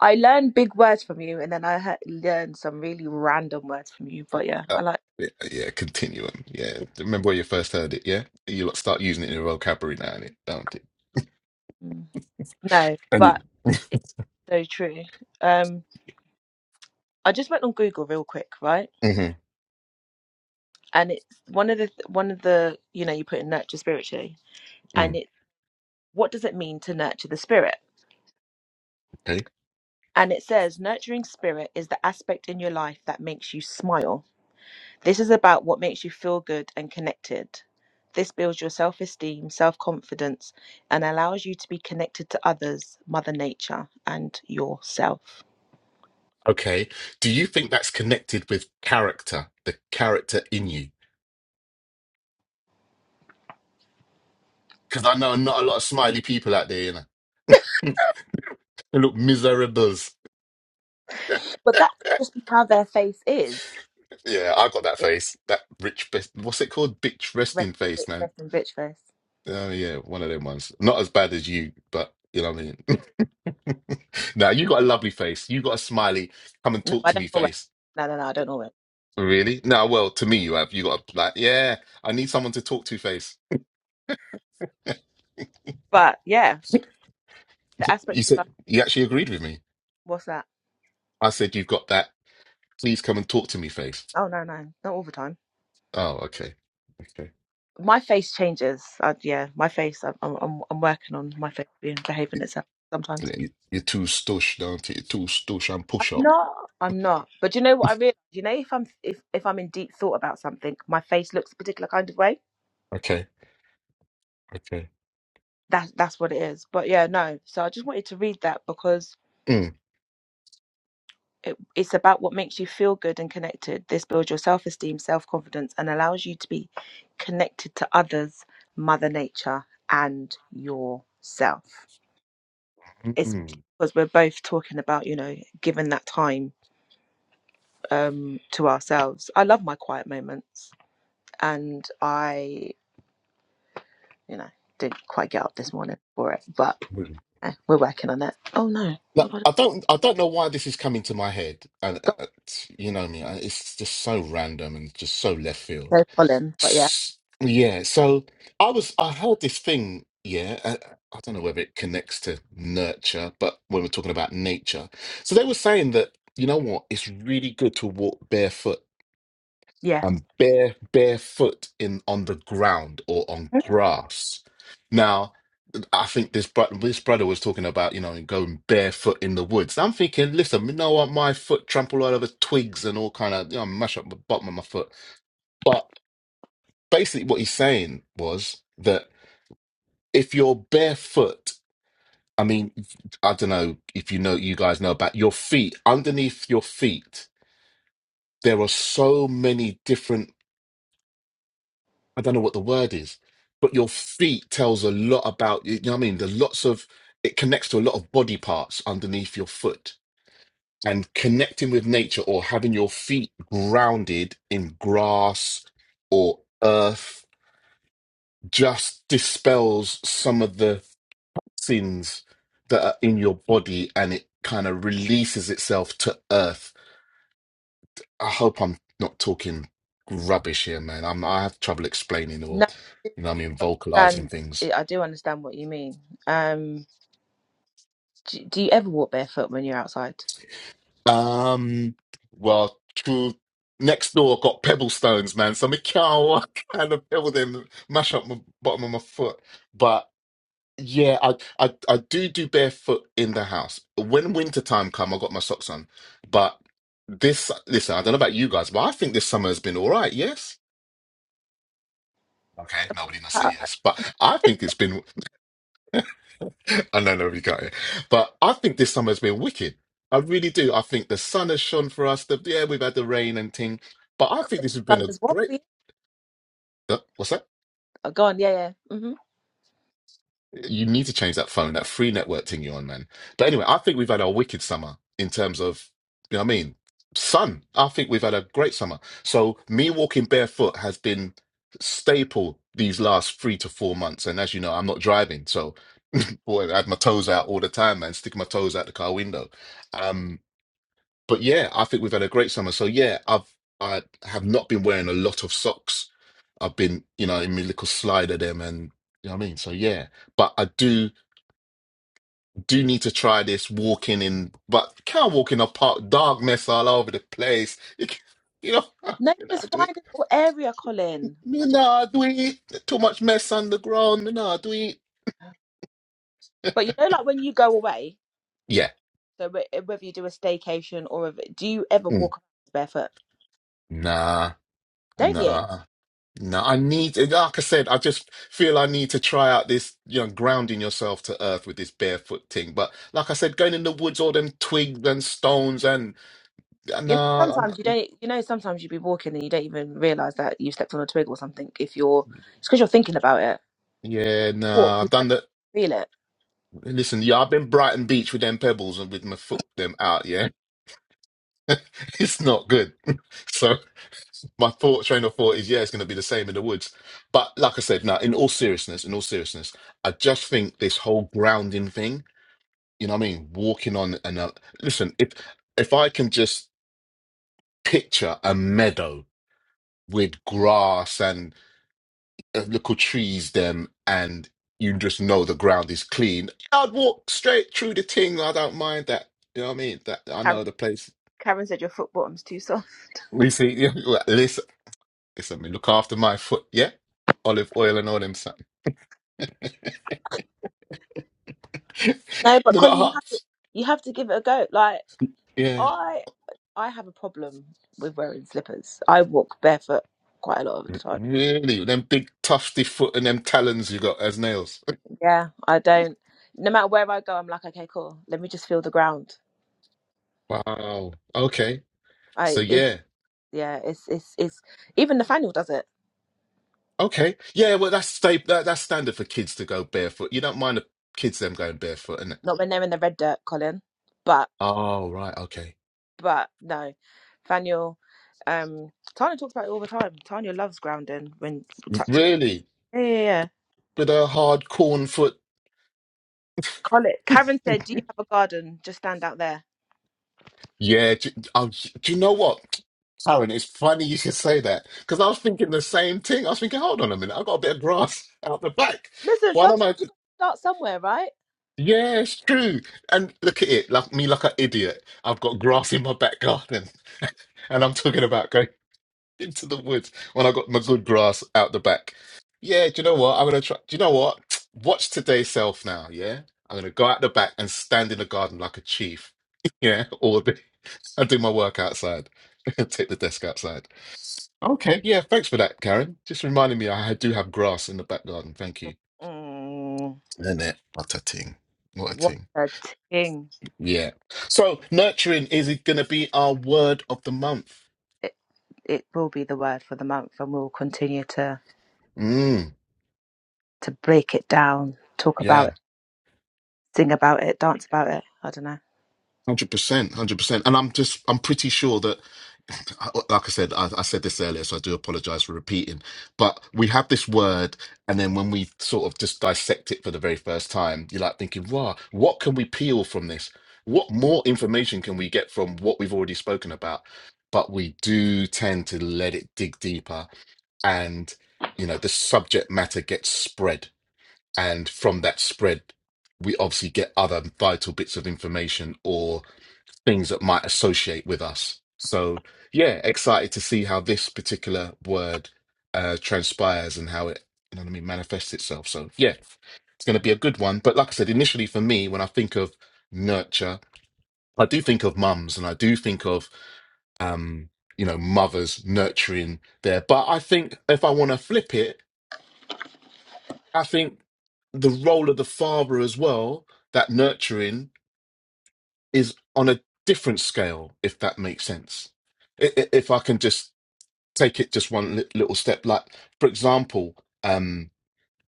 A: I learned big words from you, and then I heard, learned some really random words from you. But yeah,
B: Uh,
A: I like.
B: yeah, yeah, continuum. Yeah. Remember when you first heard it, yeah? You lot start using it in your vocabulary now and it, don't it?
A: Mm. No,
B: And
A: but
B: you
A: it's so true. Um, I just went on Google real quick, right?
B: mm-hmm.
A: and it's one of the th- one of the you know you put in nurture spiritually and
B: mm,
A: it what does it mean to nurture the spirit
B: okay.
A: and it says nurturing spirit is the aspect in your life that makes you smile this is about what makes you feel good and connected this builds your self-esteem self-confidence and allows you to be connected to others mother nature and yourself
B: Okay. Do you think that's connected with character, the character in you? Because I know not a lot of smiley people out there, you know. They look miserables.
A: but that could just be how their face is
B: Yeah, I got that
A: It's
B: face. That rich best. What's it called? Bitch
A: rest,
B: resting face, man.
A: rest and bitch face
B: Oh yeah, one of them ones. Not as bad as you, but you know what I mean. now you got a lovely face. You got a smiley. Come and
A: no
B: talk
A: i
B: to
A: don't
B: me
A: always
B: face.
A: no no no i don't always
B: Really? No, well, to me you have. You got a like, yeah. I need someone to talk to face.
A: but yeah the aspect
B: You
A: you
B: said you actually agreed with me.
A: What's that?
B: I said you've got that. Please come and talk to me face.
A: Oh no, no, not all the time.
B: Oh, okay, okay.
A: My face changes. Uh, yeah, my face. I'm, I'm, I'm I'm working on my face being behaving itself sometimes.
B: You- You're too stush, don't you? You're too stush and
A: I'm
B: push up.
A: not. I'm not. But do you know what I realize? You know, if I'm if if I'm in deep thought about something, my face looks a particular kind of way.
B: Okay. Okay.
A: That's that's what it is. But yeah, no. So I just wanted to read that because
B: Mm.
A: it, it's about what makes you feel good and connected. This builds your self esteem, self confidence, and allows you to be connected to others, Mother Nature, and yourself.
B: Mm.
A: especially because we're both talking about you know giving that time um to ourselves i love my quiet moments and i you know didn't quite get up this morning for it but
B: Really.
A: eh, we're working on it oh no
B: Now,
A: what have I
B: I don't, I don't know why this is coming to my head, and uh,
A: got
B: uh, t- you know me, I- it's just so random and just so left
A: so
B: field.
A: colin but yeah
B: S- Yeah, so I was, I heard this thing, yeah, uh, I don't know whether it connects to nurture, but when we're talking about nature, so they were saying that you know what, it's really good to walk barefoot
A: yeah
B: and bare barefoot in on the ground or on grass. Now, I think this bro- this brother was talking about you know going barefoot in the woods. I'm thinking, listen, you know what? My foot trampled all over twigs and all kind of you know mash up the bottom of my foot. But basically, what he's saying was that if you're barefoot. I mean, I don't know if you know, you guys know about your feet. Underneath your feet, there are so many different I don't know what the word is, but your feet tells a lot about you. You know what I mean? There's lots of it connects to a lot of body parts underneath your foot. And connecting with nature or having your feet grounded in grass or earth just dispels some of the sins that are in your body and it kind of releases itself to earth. I hope I'm not talking rubbish here, man. I'm I have trouble explaining or
A: no i do
B: you know what I mean vocalizing
A: understand
B: things.
A: eh, i do understand what you mean um do, do you ever walk barefoot when you're outside
B: Um, well, true. Next door got pebble stones, man. So my cow kind of pebble them, mash up my bottom of my foot. But yeah, I, I I do do barefoot in the house. When winter time come, I got my socks on. But this, listen, I don't know about you guys, but I think this summer has been all right. Yes. Okay, nobody gonna say
A: uh,
B: yes, but I think it's been. I know nobody got it, but I think this summer has been wicked. I really do. I think the sun has shone for us. The, yeah, we've had the rain and thing, but I
A: Colin,
B: think this has
A: the
B: been
A: sun
B: a
A: is what
B: great.
A: for you?
B: uh, what's that?
A: oh go on yeah yeah Mm-hmm.
B: You need to change that phone, that free network thing you're on, man. But anyway, I think we've had a wicked summer in terms of, you know what I mean? Sun. I think we've had a great summer. So me walking barefoot has been staple these last three to four months. And as you know, I'm not driving, so boy, I had my toes out all the time, man, sticking my toes out the car window. Um, but yeah, I think we've had a great summer. So yeah, I've I have not been wearing a lot of socks. I've been, you know, in my little slider them and you know what I mean? So yeah. But I do do need to try this walking in but can't walk in a park, dog mess all over the place. You, can, you know,
A: No,
B: you know, I
A: just
B: do
A: find
B: it.
A: a little area, Colin. I
B: Me
A: just,
B: nah do it. Too much mess on the ground, me nah do it.
A: but you know, like when you go away,
B: Yeah.
A: so wh- whether you do a staycation or a, do you ever
B: Mm.
A: walk around barefoot?
B: Nah,
A: Don't you?
B: nah. No, I need, eh, like I said, I just feel I need to try out this, you know, grounding yourself to earth with this barefoot thing. But like I said, going in the woods, all them twigs and stones and yeah,
A: You know,
B: nah, I'm,
A: sometimes you don't. You know, sometimes you be walking and you don't even realize that you stepped on a twig or something. If you're, it's because you're thinking about it.
B: yeah,
A: Walk,
B: nah,
A: you
B: I've done
A: don't
B: that.
A: feel it.
B: Listen, yeah, I've been Brighton Beach with them pebbles and with my foot them out. Yeah, it's not good. So my thought train of thought is, yeah, it's going to be the same in the woods. But like I said, now in all seriousness, in all seriousness, I just think this whole grounding thing. You know what I mean? Walking on and listen, if if I can just picture a meadow with grass and uh, little trees, them and you just know the ground is clean, I'd walk straight through the thing. I don't mind that. You know what I mean? That I
A: Karen,
B: know the place.
A: Karen said your foot bottom's too soft.
B: We see. yeah, well, Listen, listen. Me look after my foot. Yeah, olive oil and all them something.
A: No, but
B: They're
A: Colin,
B: not
A: you have to,
B: hot.
A: you have to give it a go. Like
B: Yeah,
A: I, I have a problem with wearing slippers. I walk barefoot quite a lot of the time.
B: really. Them big tufty foot and them talons you got as nails.
A: Yeah, I don't. No matter where I go, I'm like, okay, cool. Let me just feel the ground.
B: Wow. Okay. So
A: I it
B: yeah.
A: yeah, it's it's it's even Nathaniel does it.
B: Okay. Yeah, well, that's sta- that, that's standard for kids to go barefoot. You don't mind the kids them going barefoot, innit?
A: Not when they're in the red dirt, Colin. But
B: Oh, right. Okay.
A: but no, Nathaniel. Um, Tanya talks about it all the time. Tanya loves grounding when touching.
B: Really?
A: Yeah, yeah, yeah.
B: With a hard corn foot?
A: Colin, Karen said, "Do you have a garden? Just stand out there."
B: Yeah. Do, oh, do you know what? Aaron, it's funny you should say that because I was thinking the same thing. I was thinking, hold on a minute, I've got a bit of grass out the back.
A: Listen,
B: Why don't I?
A: sometimes you got to start somewhere, right?
B: Yeah, it's true. And look at it, like me, like an idiot. I've got grass in my back garden, and I'm talking about going. into the woods when I got my good grass out the back. Yeah, do you know what? I'm gonna try. Do you know what? Watch today's self now. Yeah, I'm gonna go out the back and stand in the garden like a chief. Yeah, all day and do my work outside. Take the desk outside. Okay, yeah, thanks for that, Karen. Just reminding me I do have grass in the back garden. Thank you.
A: Mm,
B: Isn't it? What a ting. What a
A: what
B: ting.
A: a ting.
B: Yeah. So nurturing is it gonna be our word of the month?
A: It, it will be the word for the month, and we'll continue to,
B: Mm.
A: to break it down, talk about
B: Yeah.
A: it, sing about it, dance about it. I don't know.
B: Hundred percent, hundred percent, and I'm just I'm pretty sure that, like I said, I, I said this earlier, so I do apologize for repeating. But we have this word, and then when we sort of just dissect it for the very first time, you're like thinking, "Wow, what can we peel from this? What more information can we get from what we've already spoken about?" But we do tend to let it dig deeper, and you know the subject matter gets spread, and from that spread, we obviously get other vital bits of information or things that might associate with us. So, yeah, excited to see how this particular word uh, transpires and how it, you know what I mean, manifests itself. So, yeah, it's going to be a good one. But like I said, initially for me, when I think of nurture, I do think of mums and I do think of, um, you know, mothers nurturing there. But I think if I want to flip it, I think the role of the father as well, that nurturing is on a different scale, if that makes sense. I- i- If I can just take it just one li- little step, like for example, um,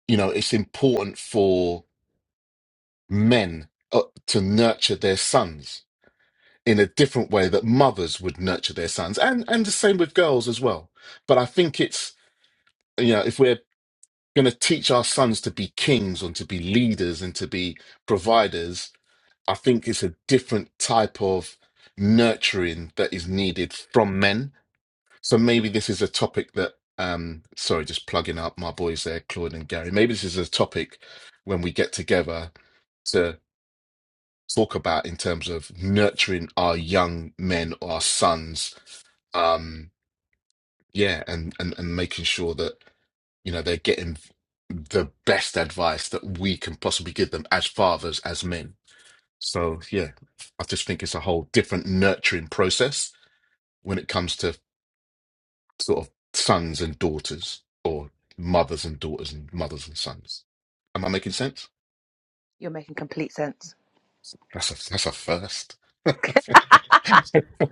B: you know, it's important for men uh, to nurture their sons in a different way that mothers would nurture their sons, and and the same with girls as well. But I think it's you know, if we're going to teach our sons to be kings and to be leaders and to be providers, I think it's a different type of nurturing that is needed from men. So maybe this is a topic that, um, sorry, just plugging up my boys there, Claude and Gary. Maybe this is a topic when we get together to talk about in terms of nurturing our young men or our sons. Um, yeah, and, and and making sure that you know they're getting the best advice that we can possibly give them as fathers, as men. So yeah, I just think it's a whole different nurturing process when it comes to sort of sons and daughters, or mothers and daughters, and mothers and sons. Am I making sense?
A: You're making complete sense.
B: That's a that's a first.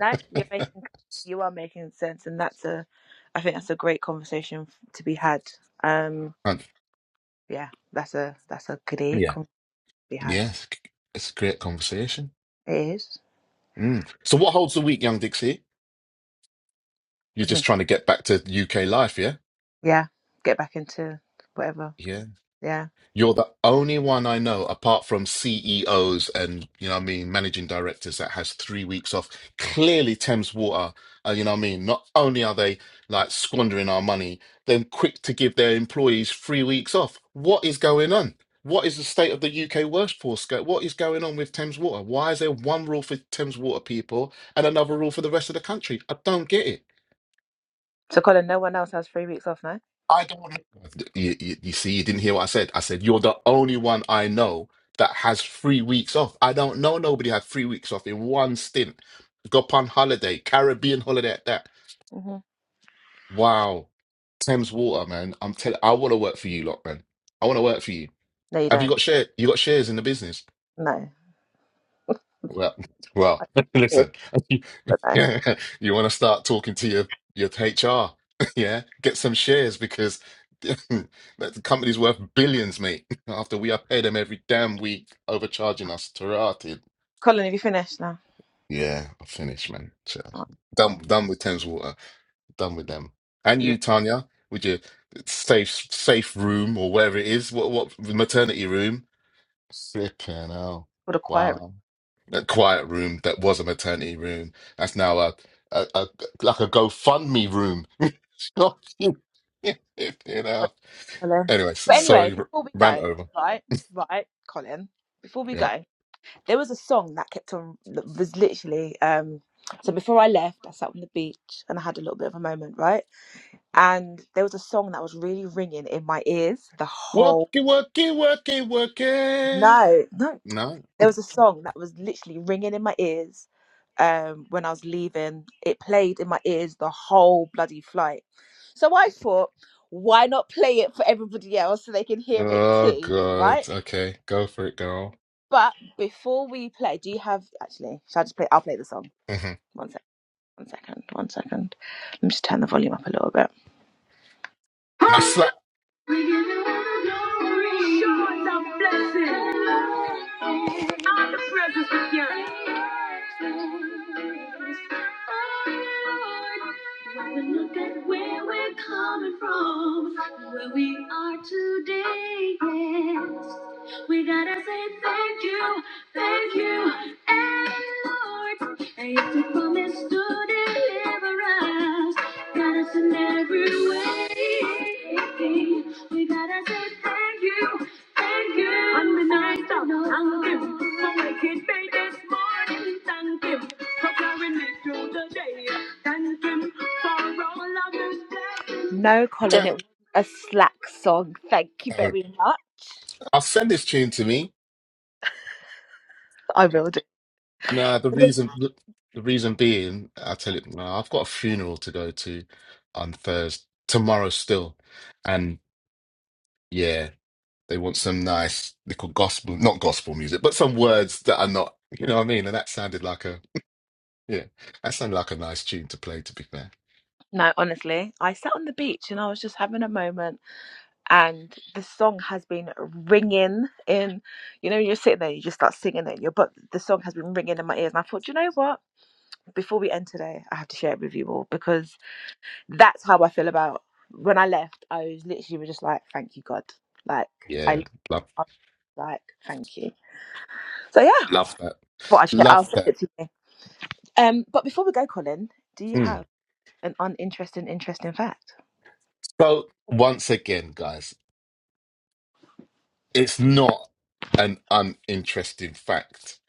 A: No, you're making you are making sense, and that's a I think that's a great conversation f- to be had. Um,
B: And,
A: yeah, that's a that's a great
B: yeah,
A: conversation to be had.
B: yeah, it's, it's a great conversation.
A: It is.
B: Mm. So what holds the week, young Dixie? You're
A: What do you
B: just
A: mean?
B: trying to get back to UK life, yeah?
A: Yeah, get back into whatever.
B: Yeah.
A: Yeah.
B: You're the only one I know, apart from CEOs and, you know what I mean, managing directors that has three weeks off. Clearly, Thames Water, uh, you know what I mean, not only are they like squandering our money, then quick to give their employees three weeks off. What is going on? What is the state of the UK workforce? go- What is going on with Thames Water? Why is there one rule for Thames Water people and another rule for the rest of the country? I don't get it.
A: So Colin, no one else has three weeks off now.
B: I don't. You, you, you see, you didn't hear what I said. I said you're the only one I know that has three weeks off. I don't know nobody had three weeks off in one stint. Go up on holiday, Caribbean holiday at that.
A: hmm
B: Wow, Thames Water, man. I'm telling. I want to work for you, lot, man. I want to work for you.
A: No, you
B: Have
A: don't.
B: you got share? You got shares in the business?
A: No,
B: Well, well,
A: good,
B: listen, you,
A: but no.
B: want to start talking to your your HR, yeah? Get some shares because that the company's worth billions, mate. After we pay them every damn week, overcharging us, Tarati.
A: Colin, have you finished now?
B: Yeah, I'm finished, man. Chill.
A: Oh,
B: Done,
A: oh,
B: done with Thames Water. Done with them. And
A: lo-
B: you, Tanya, with your safe safe room or wherever it is, what what maternity room? Flipping hell!
A: what a quiet room.
B: Wow a quiet room that was a maternity room. That's now a, a, a like a GoFundMe room. you know.
A: Colin.
B: Anyway, s-
A: But anyway,
B: sorry, r-
A: before we
B: rant
A: go,
B: over.
A: right, right, Colin, before we
B: Yeah.
A: go, there was a song that kept on, that was literally, um, so before I left, I sat on the beach and I had a little bit of a moment, right? and there was a song that was really ringing in my ears the
B: Worky,
A: whole
B: worky, worky, worky.
A: no no
B: No.
A: there was a song that was literally ringing in my ears um when i was leaving it played in my ears the whole bloody flight so i thought why not play it for everybody else so they can hear it
B: Oh
A: too right
B: God. Okay, go for it, girl.
A: but before we play do you have actually shall i just play i'll play the song
B: hmm
A: one sec one second one second let me just turn the volume up a little bit
B: I'll slap.
A: We give you all the glory. Show us our blessing. All the presence with you. When we look at where we're coming from, where we are today, yes. We gotta say thank you, thank you, and Lord. And if you promise to deliver us, Got us in every way. We gotta say thank you, thank you. On the night of thank him for making me this morning. Thank him for carrying me through the day. Thank him for all of his blessings. No, Colin, it
B: Don't.
A: was a slack song. Thank you
B: uh,
A: very much.
B: I'll send this tune to me.
A: I will do.
B: No, the reason. The reason being, I tell you, no, I've got a funeral to go to on Thursday tomorrow still, and. Yeah, They want some nice little gospel, not gospel music, but some words that are not, you know what I mean? And that sounded like a, yeah, that sounded like a nice tune to play, to be fair.
A: No, honestly, I sat on the beach and I was just having a moment. and the song has been ringing in you know you're sitting there you just start singing it in your butt the song has been ringing in my ears and i thought you know what before we end today i have to share it with you all because that's how i feel about when i left i was literally was just like thank you god like i
B: Yeah, love,
A: I was like thank you so yeah
B: love that.
A: but i share. i'll
B: Love
A: send
B: that.
A: it to you um but before we go colin do you
B: Mm.
A: have an uninteresting interesting fact
B: So, once again, guys, it's not an uninteresting fact.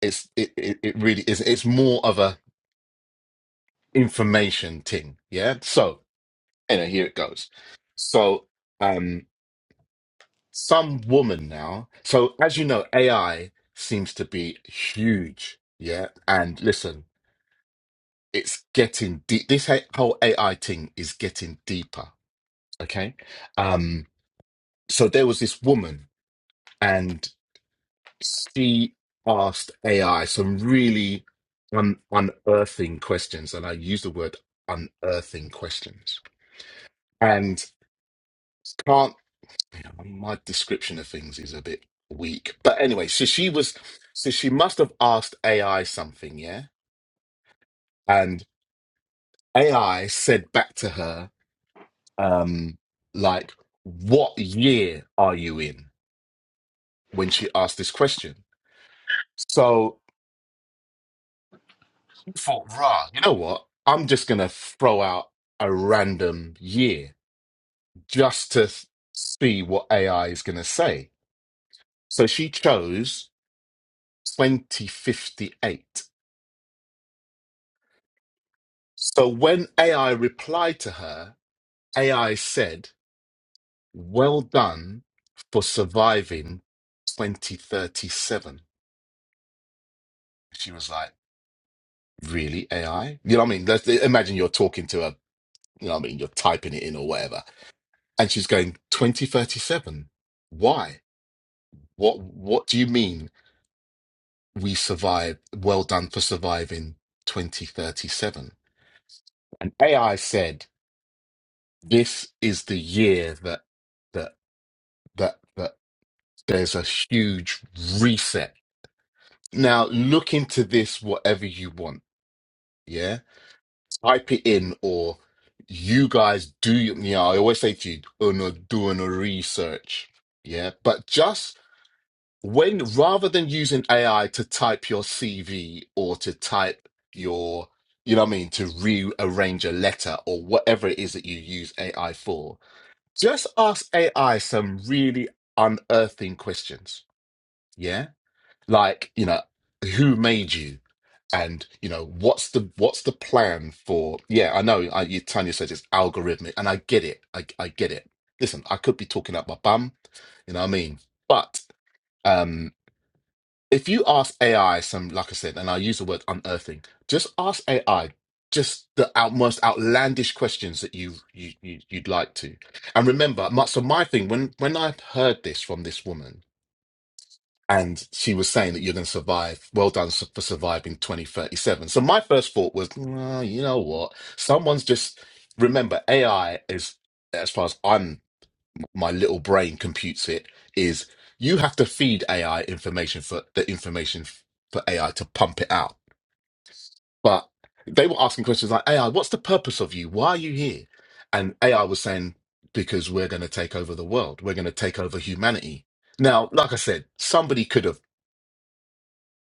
B: It's, it, it, it really is. It's more of a information thing. Yeah. So, anyway, here it goes. So, um. some woman now. So as you know, AI seems to be huge. Yeah. And listen, it's getting deep. This he- whole AI thing is getting deeper. Okay. Um, so there was this woman and she asked AI some really un- unearthing questions. And I use the word unearthing questions. And can't Yeah, my description of things is a bit weak. But anyway, so she was, so she must have asked AI something, yeah? And AI said back to her, um, like, what year are you in when she asked this question? So I thought, rah, you know what? I'm just gonna throw out a random year just to s- see what AI is gonna say. So she chose 2058. So when AI replied to her, AI said, Well done for surviving 2037. She was like, Really, AI? You know what I mean? Let's imagine you're talking to her, you know what I mean? You're typing it in or whatever. And she's going, 2037. Why? What what do you mean we survived? Well done for surviving 2037. And AI said, This is the year that that that that there's a huge reset. Now, look into this whatever you want. Yeah. Type it in or you guys do, your- you know, I always say to you, uno, doing a research. Yeah. But just when, rather than using AI to type your CV or to type your, you know what I mean, to rearrange a letter or whatever it is that you use AI for, just ask AI some really unearthing questions. Yeah like you know who made you and you know what's the what's the plan for yeah i know I, you, tanya says it's algorithmic and i get it I, I get it listen i could be talking up my bum you know what i mean but um if you ask ai some like i said and i use the word unearthing just ask ai just the out, most outlandish questions that you, you you you'd like to and remember my, so my thing when when i heard this from this woman and she was saying that you're going to survive. Well done su- for surviving 2037. So my first thought was, "Nah, you know what? Someone's just remember AI is as far as I'm my little brain computes it is you have to feed AI information for the information f- for AI to pump it out. But they were asking questions like AI, what's the purpose of you? Why are you here? And AI was saying because we're going to take over the world. We're going to take over humanity. Now, like I said, somebody could have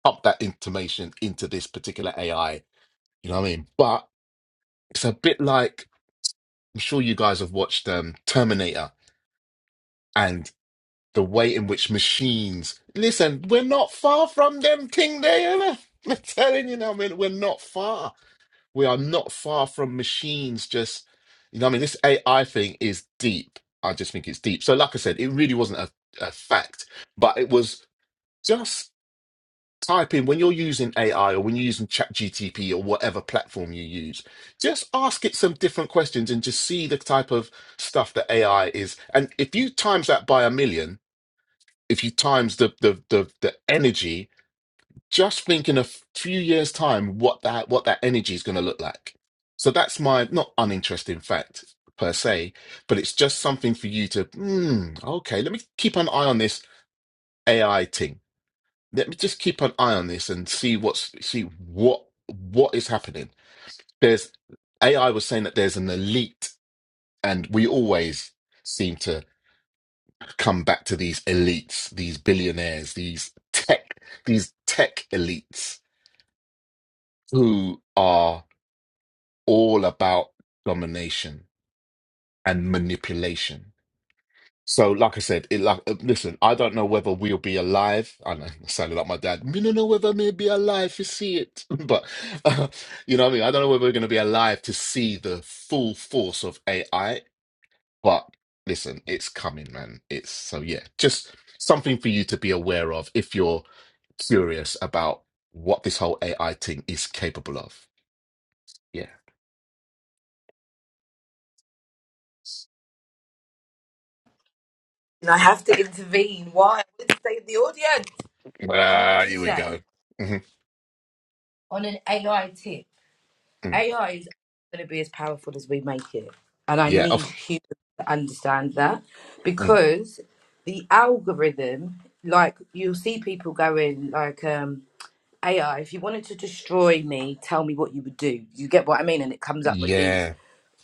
B: pump that information into this particular AI. You know what I mean? But it's a bit like I'm sure you guys have watched um, Terminator and the way in which machines listen, we're not far from them thing there. You know? I'm telling you now, I mean, we're not far. We are not far from machines just you know what I mean this AI thing is deep. I just think it's deep. So like I said, it really wasn't a, a fact, but it was just type in when you're using AI or when you're using ChatGTP or whatever platform you use, just ask it some different questions and just see the type of stuff that AI is. And if you times that by a million, if you times the the the, the energy, just think in a few years' time what that what that energy is going to look like. So that's my not uninteresting fact per se, but it's just something for you to. Mm, okay, let me keep an eye on this AI thing let me just keep an eye on this and see what's see what what is happening. There's AI was saying that there's an elite, and we always seem to come back to these elites, these billionaires, these tech, these tech elites who are all about domination and manipulation So, like I said, it like uh, listen, I don't know whether we'll be alive. I know, I sounded like my dad. We don't know whether we'll be alive to see it, but uh, you know what I mean. I don't know whether we're going to be alive to see the full force of AI. But listen, it's coming, man. It's so yeah, just something for you to be aware of if you're curious about what this whole AI thing is capable of. Yeah.
D: And I have to intervene. Why? I would stay the audience. Can I
B: Ah, here
D: just
B: we
D: say,
B: go. hmm
D: on an AI tip, AI is going to be as powerful as we make it. And I
B: Yeah.
D: need
B: Of,
D: humans to understand that
B: mm,
D: because the algorithm, like you'll see people going, like, um, AI, if you wanted to destroy me, tell me what you would do. You get what I mean? And it comes up with these,
B: yeah.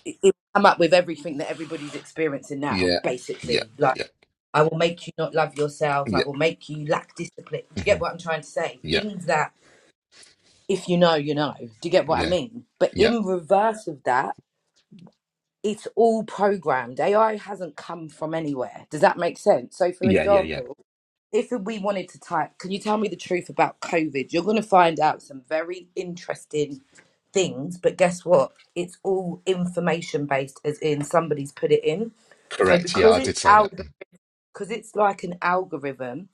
D: it, it come up with everything that everybody's experiencing now,
B: Yeah. Yeah.
D: basically. Like,
B: Yeah.
D: I will make you not love
B: Yeah.
D: yourself. I will make you lack discipline. Do you get
B: Mhm.
D: what I'm trying to say?
B: Yeah,
D: Things that, if you know, you know. Do you get what I
B: yeah,
D: mean? But
B: yeah,
D: in reverse of that, it's all programmed. AI hasn't come from anywhere. Does that make sense? So, for
B: yeah, yeah, yeah.
D: example, if we wanted to type, can you tell me the truth about COVID? You're going to find out some very interesting things. But guess what? It's all information based, as in somebody's put it in. So,
B: Correct. Yeah,
D: because
B: I did
D: it's
B: say that.
D: algorithm,
B: Mm.
D: because it's like an algorithm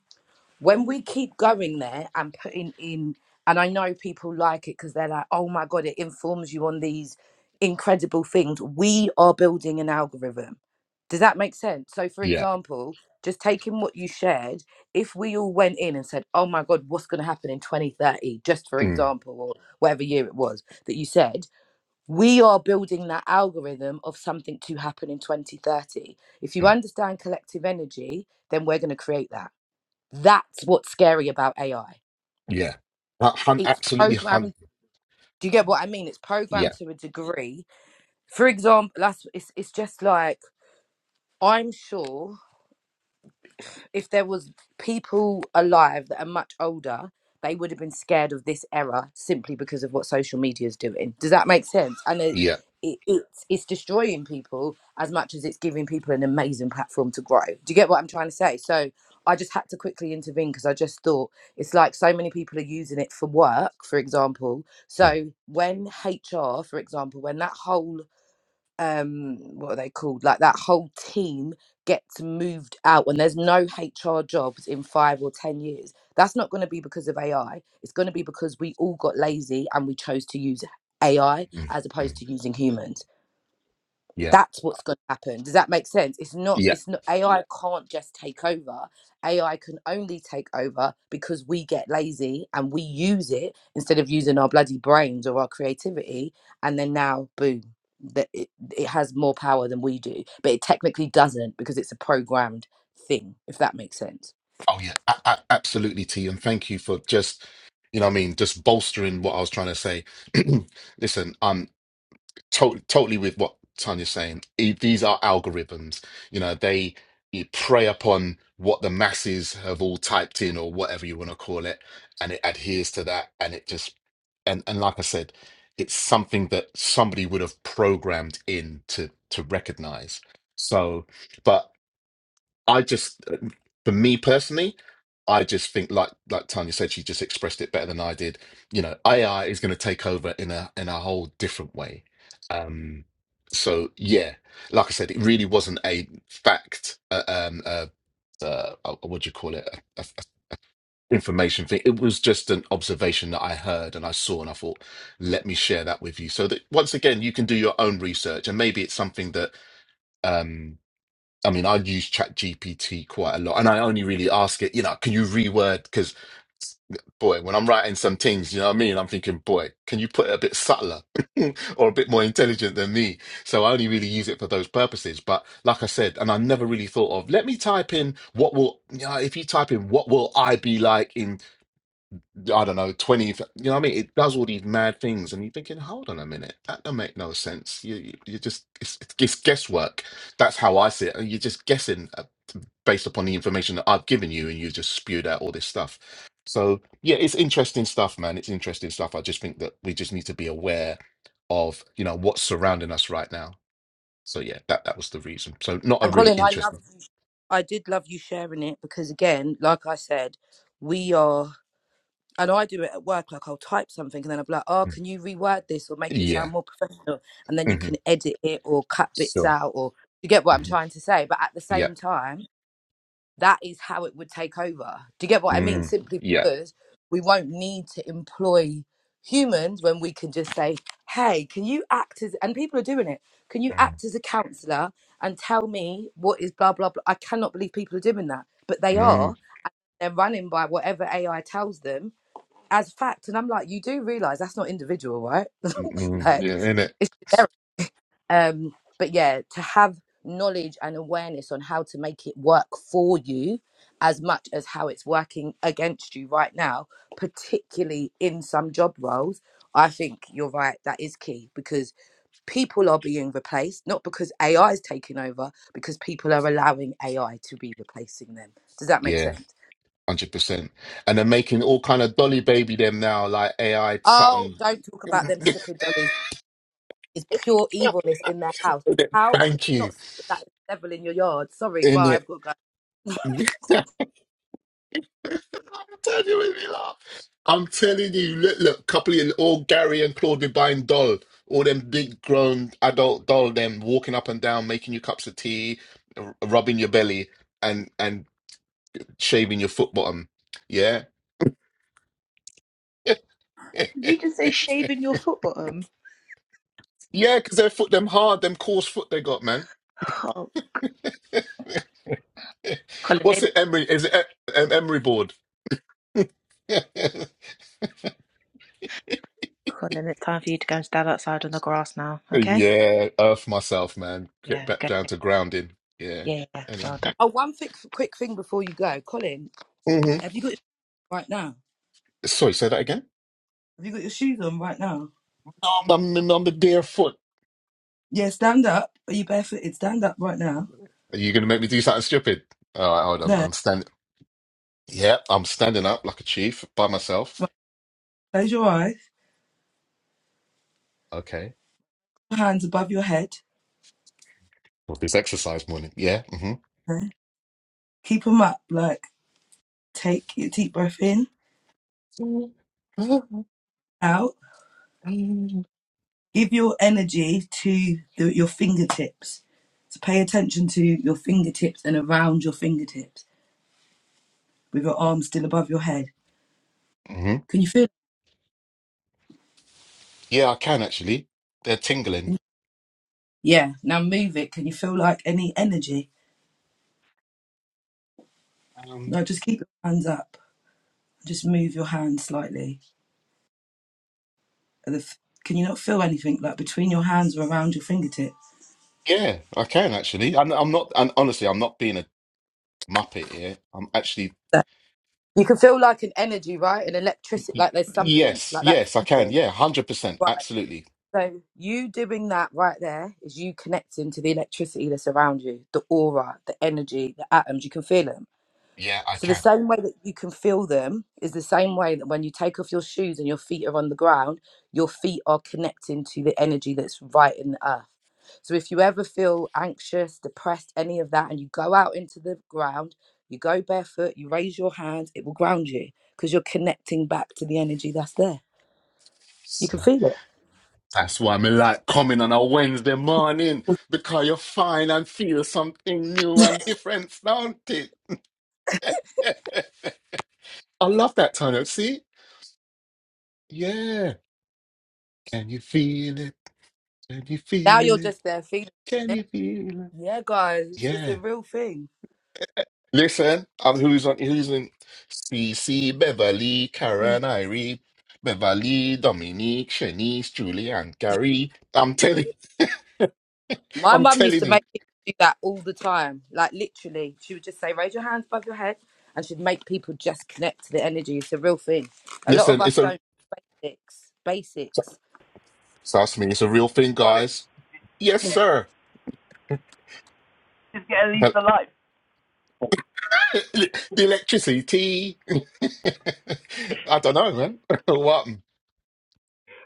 D: when we keep going there and putting in and i know people like it because they're like oh my god it informs you on these incredible things we are building an algorithm does that make sense so for
B: Yeah,
D: example just taking what you shared if we all went in and said oh my god what's going to happen in 2030 just for
B: mm,
D: example or whatever year it was that you said we are building that algorithm of something to happen in 2030 if you
B: mm,
D: understand collective energy then we're going to create that that's what's scary about AI.
B: yeah. Uh, hun-
D: It's
B: absolutely, hun.
D: programmed. Do you get what I mean? It's programmed
B: Yeah,
D: to a degree. For example, that's it's it's just like I'm sure if there was people alive that are much older, they would have been scared of this era simply because of what social media is doing. Does that make sense? And it,
B: yeah,
D: it, it's it's destroying people as much as it's giving people an amazing platform to grow. Do you get what I'm trying to say? So I just had to quickly intervene because I just thought it's like so many people are using it for work, for example.
B: mm,
D: So when HR, for example, when that whole um what are they called like that whole team gets moved out and there's no hr jobs in five or ten years that's not going to be because of ai it's going to be because we all got lazy and we chose to use ai
B: mm,
D: as
B: mm.
D: opposed to using humans
B: yeah,
D: that's what's going to happen does that make sense it's not
B: yeah.
D: it's not ai Yeah. can't just take over ai can only take over because we get lazy and we use it instead of using our bloody brains or our creativity and then now boom that it, it has more power than we do but it technically doesn't because it's a programmed thing if that makes sense
B: Oh, yeah. A- a- absolutely, T. And thank you for just, you know, what I mean, just bolstering what I was trying to say. Listen, um, totally totally with what Tanya's saying. E- These are algorithms. You know, they you prey upon what the masses have all typed in or whatever you want to call it, and it adheres to that, and it just and and like I said, it's something that somebody would have programmed in to to recognize. So, but. I just, for me personally, I just think like like Tanya said, she just expressed it better than I did. You know, AI is going to take over in a in a whole different way. Um, so yeah, like I said, it really wasn't a fact. Uh, um, uh, uh, uh, what do you call it? A, a, a information thing. It was just an observation that I heard and I saw, and I thought, let me share that with you, so that once again you can do your own research, and maybe it's something that. um I mean, I use ChatGPT quite a lot, and I only really ask it, you know, can you reword? Because, boy, when I'm writing some things, you know what I mean? I'm thinking, boy, can you put it a bit subtler or a bit more intelligent than me? So I only really use it for those purposes. But like I said, and I never really thought of, let me type in what will, you know, if you type in what will I be like in I don't know, 20, you know what I mean? It does all these mad things, and you're thinking, hold on a minute, that don't make no sense. You, you, you just, it's, it's guesswork. That's how I see it. And You're just guessing uh, based upon the information that I've given you, and you just spewed out all this stuff. So, yeah, it's interesting stuff, man. It's interesting stuff. I just think that we just need to be aware of, you know, what's surrounding us right now. So, yeah, that, that was the reason. So, not a
D: and
B: really
D: Colin, I
B: interesting.
D: loved you. I did love you sharing it because, again, like I said, we are. and I do it at work. Like I'll type something and then I'll be like, "Oh,
B: Mm.
D: can you reword this or make it
B: Yeah.
D: sound more professional?" And then you
B: hmm
D: can edit it or cut bits
B: Sure.
D: out, or you get what I'm
B: hmm
D: trying to say. But at the same
B: Yep.
D: time, that is how it would take over. Do you get what I mean?
B: Mm.
D: Simply
B: Yeah.
D: because we won't need to employ humans when we can just say, "Hey, can you act as?" And people are doing it. Can you
B: Mm.
D: act as a counselor and tell me what is blah blah blah? I cannot believe people are doing that, but they
B: Mm.
D: are. They're running by whatever AI tells them as fact. And I'm like, you do realize that's not individual, right?
B: Mm-mm.
D: like
B: Yeah, in it.
D: it's generic. Um, but yeah, to have knowledge and awareness on how to make it work for you as much as how it's working against you right now, particularly in some job roles, I think you're right. That is key because people are being replaced, not because AI is taking over, because people are allowing AI to be replacing them. Does that make
B: Yeah,
D: sense?
B: hundred percent. And they're making all kind of dolly baby them now, like AI
D: Oh,
B: Sutton.
D: don't talk about them stripping dollies. is pure evilness in their house.
B: Innit?
D: How could
B: Thank
D: you
B: you.
D: not see that that is the devil in your yard? Sorry,
B: In
D: bye. I've
B: it.
D: got to go.
B: I'm telling you, it made me laugh. I'm telling you, look, look, couple of all Gary and Claude be buying doll, all them big grown adult doll, them walking up and down, making you cups of tea, r- rubbing your belly, and and shaving your foot bottom. Yeah.
A: Did you just say shaving your foot bottom
B: Yeah, because their foot, them hard, them coarse foot they got, man.
A: oh colin
B: What's
A: maybe
B: it, Emery? Is it E- um, Emery board? yeah,
A: Cool, and then it's time for you to go and stand outside on the grass now, okay?
B: earth myself, man. Get
A: Yeah,
B: back
A: okay.
B: down to grounding. Yeah.
A: Yeah, yeah.
B: Anyway.
A: Well done.
D: Oh, one thick, quick thing before you go, Colin.
B: hmm
D: Have you got your right now?
B: Sorry, say that again.
D: Have you got your shoes on right now?
B: No, I'm, i on the bare foot.
D: Yeah, stand up. Are you barefooted? Stand up right now.
B: Are you going to make me do something stupid? All right, hold on.
D: No.
B: I'm standing. Yeah, I'm standing up like a chief by myself.
D: Right. Close your eyes.
B: Okay.
D: Your hands above your head.
B: With this exercise morning. Yeah. hmm
D: Okay. Keep them up. Like take your deep breath in, out.
B: hmm
D: Give your energy to the, your fingertips. So pay attention to your fingertips and around your fingertips with your arms still above your head. Can you feel?
B: Yeah, I can actually. They're
D: can
B: tingling.
D: you- Yeah. Now move it. Can you feel like any energy? No, just keep your hands up. Just move your hands slightly. Are the f- Can you not feel anything like between your hands or around your fingertips?
B: Yeah, I can actually. And I'm not, and honestly, I'm not being a muppet here. I'm actually,
D: That- You can feel like an energy, right? An electricity,
B: y-
D: like there's something
B: yes,
D: like that.
B: yes, I can.
D: feeling.
B: Yeah, 100%.
D: Right.
B: Absolutely.
D: So you doing that right there is you connecting to the electricity that's around you, the aura, the energy, the atoms. You can feel them.
B: Yeah, I
D: So the
B: can.
D: same way that you can feel them is the same way that when you take off your shoes and your feet are on the ground, your feet are connecting to the energy that's right in the earth. So if you ever feel anxious, depressed, any of that, and you go out into the ground, you go barefoot, you raise your hands, it will ground you because you're connecting back to the energy that's there. You can
B: See,
D: feel it.
B: that's why me like coming on a Wednesday morning because you find and feel something new and different, don't it? I love that tone up. See? Yeah. Can you feel it? Can you
D: Now
B: feel
D: you're
B: it?
D: just there feeling
B: Can
D: it.
B: you feel it?
D: Yeah, guys, it's it's
B: Yeah.
D: a real thing.
B: Listen, I'm who's on who's in CC, Beverly, Karen, Irie, Beverly, Dominique, Shanice, Julie, and Gary. I'm telling
D: My
B: I'm
D: mum used
B: telling
D: to
B: you.
D: make people do that all the time. Like literally, she would just say, "Raise your hands above your head," and she'd make people just connect to the energy. It's a real thing. A lot of
B: Listen,
D: us
B: it's a
D: don't basics. Basics.
B: trust me, it's a real thing,
C: Colin,
B: guys. Yes, sir.
C: just get at least
B: Hel-
C: a life.
B: The electricity. I don't know, man. What?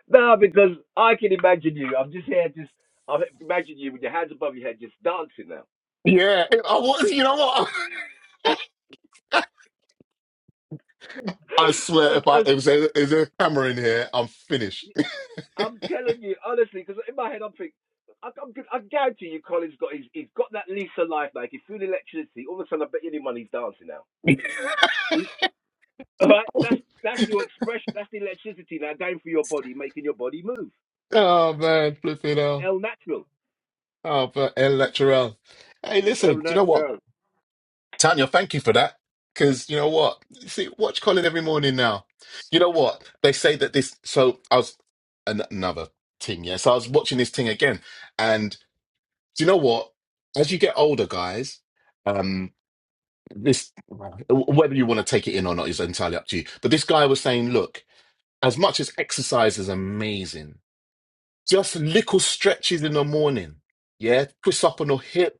C: No, because I can imagine you. I'm just here, just I imagine you with your hands above your head, just dancing now.
B: Yeah, I was. You know what? I swear, if I if
C: because
B: there's if there's a camera in here, I'm finished.
C: I'm telling you honestly, because in my head I'm thinking, I, I'm, I guarantee you, Colin's got he's, he's got that lease of life. Like he's feeling electricity. All of a sudden, I bet you any money he's dancing now. See? All right, that's that's your expression. That's the electricity now going through your body, making your body move.
B: oh man, flipping out.
C: El natural,
B: Oh, but electoral. Hey, listen,
C: el
B: do you know what?
C: natural.
B: Tanya, thank you for that. Because you know what? See, watch Colin every morning now. You know what? They say that this. So I was an- another thing, yeah. So I was watching this thing again. And do you know what? As you get older, guys, um, this, whether you want to take it in or not is entirely up to you. But this guy was saying, look, as much as exercise is amazing, just little stretches in the morning, yeah, twist up on your hip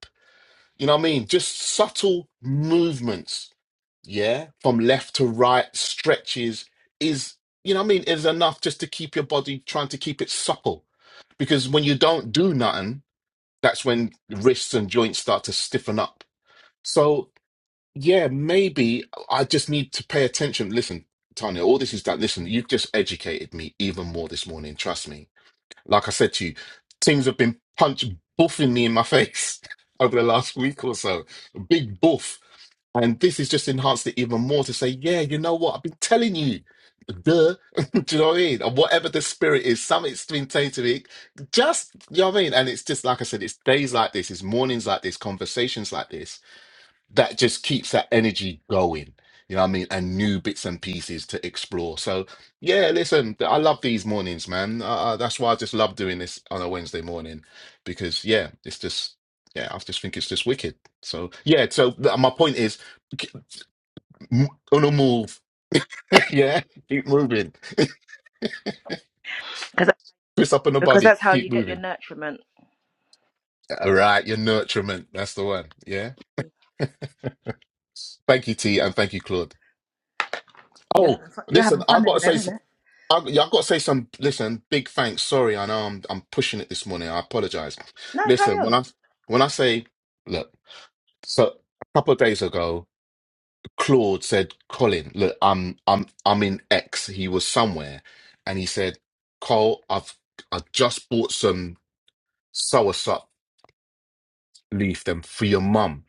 B: You know what I mean? Just subtle movements, yeah, from left to right, stretches is, you know what I mean, is enough just to keep your body trying to keep it supple. Because when you don't do nothing, that's when wrists and joints start to stiffen up. So, yeah, maybe I just need to pay attention. Listen, Tanya, all this is done. Listen, you've just educated me even more this morning. Trust me like I said to you, teams have been punch buffing me in my face over the last week or so. A big buff. And this has just enhanced it even more to say, yeah, you know what? I've been telling you. Duh. Do you know what I mean? And whatever the spirit is, something's been tainted. It just, you know what I mean? And it's just, like I said, it's days like this, it's mornings like this, conversations like this that just keeps that energy going. You know what I mean? And new bits and pieces to explore. So yeah, listen, th- I love these mornings, man. Uh, uh, that's why I just love doing this on a Wednesday morning because yeah, it's just yeah, I just think it's just wicked. So yeah, so th- my point is, k- m- on a move, yeah, keep moving.
A: Because
B: Twist up on the
A: because
B: body,
A: that's how
B: keep
A: you get your
B: moving.
A: nutriment.
B: All right, your nurturement, that's the one. Yeah, thank you, T, and thank you, Claude.
A: You're
B: Oh,
A: having fun, you're
B: listen,
A: having
B: I've
A: fun
B: got
A: over there,
B: to say.
A: isn't it?
B: I, yeah, I've got to say some, listen, big thanks. Sorry, I know I'm I'm pushing it this morning. I apologize.
A: No, carry
B: Listen, when
A: on.
B: I when I say, look, so a couple of days ago, Claude said, Colin, look, I'm I'm I'm in X. He was somewhere, and he said, Cole, I've I just bought some soursop leaf them for your mum.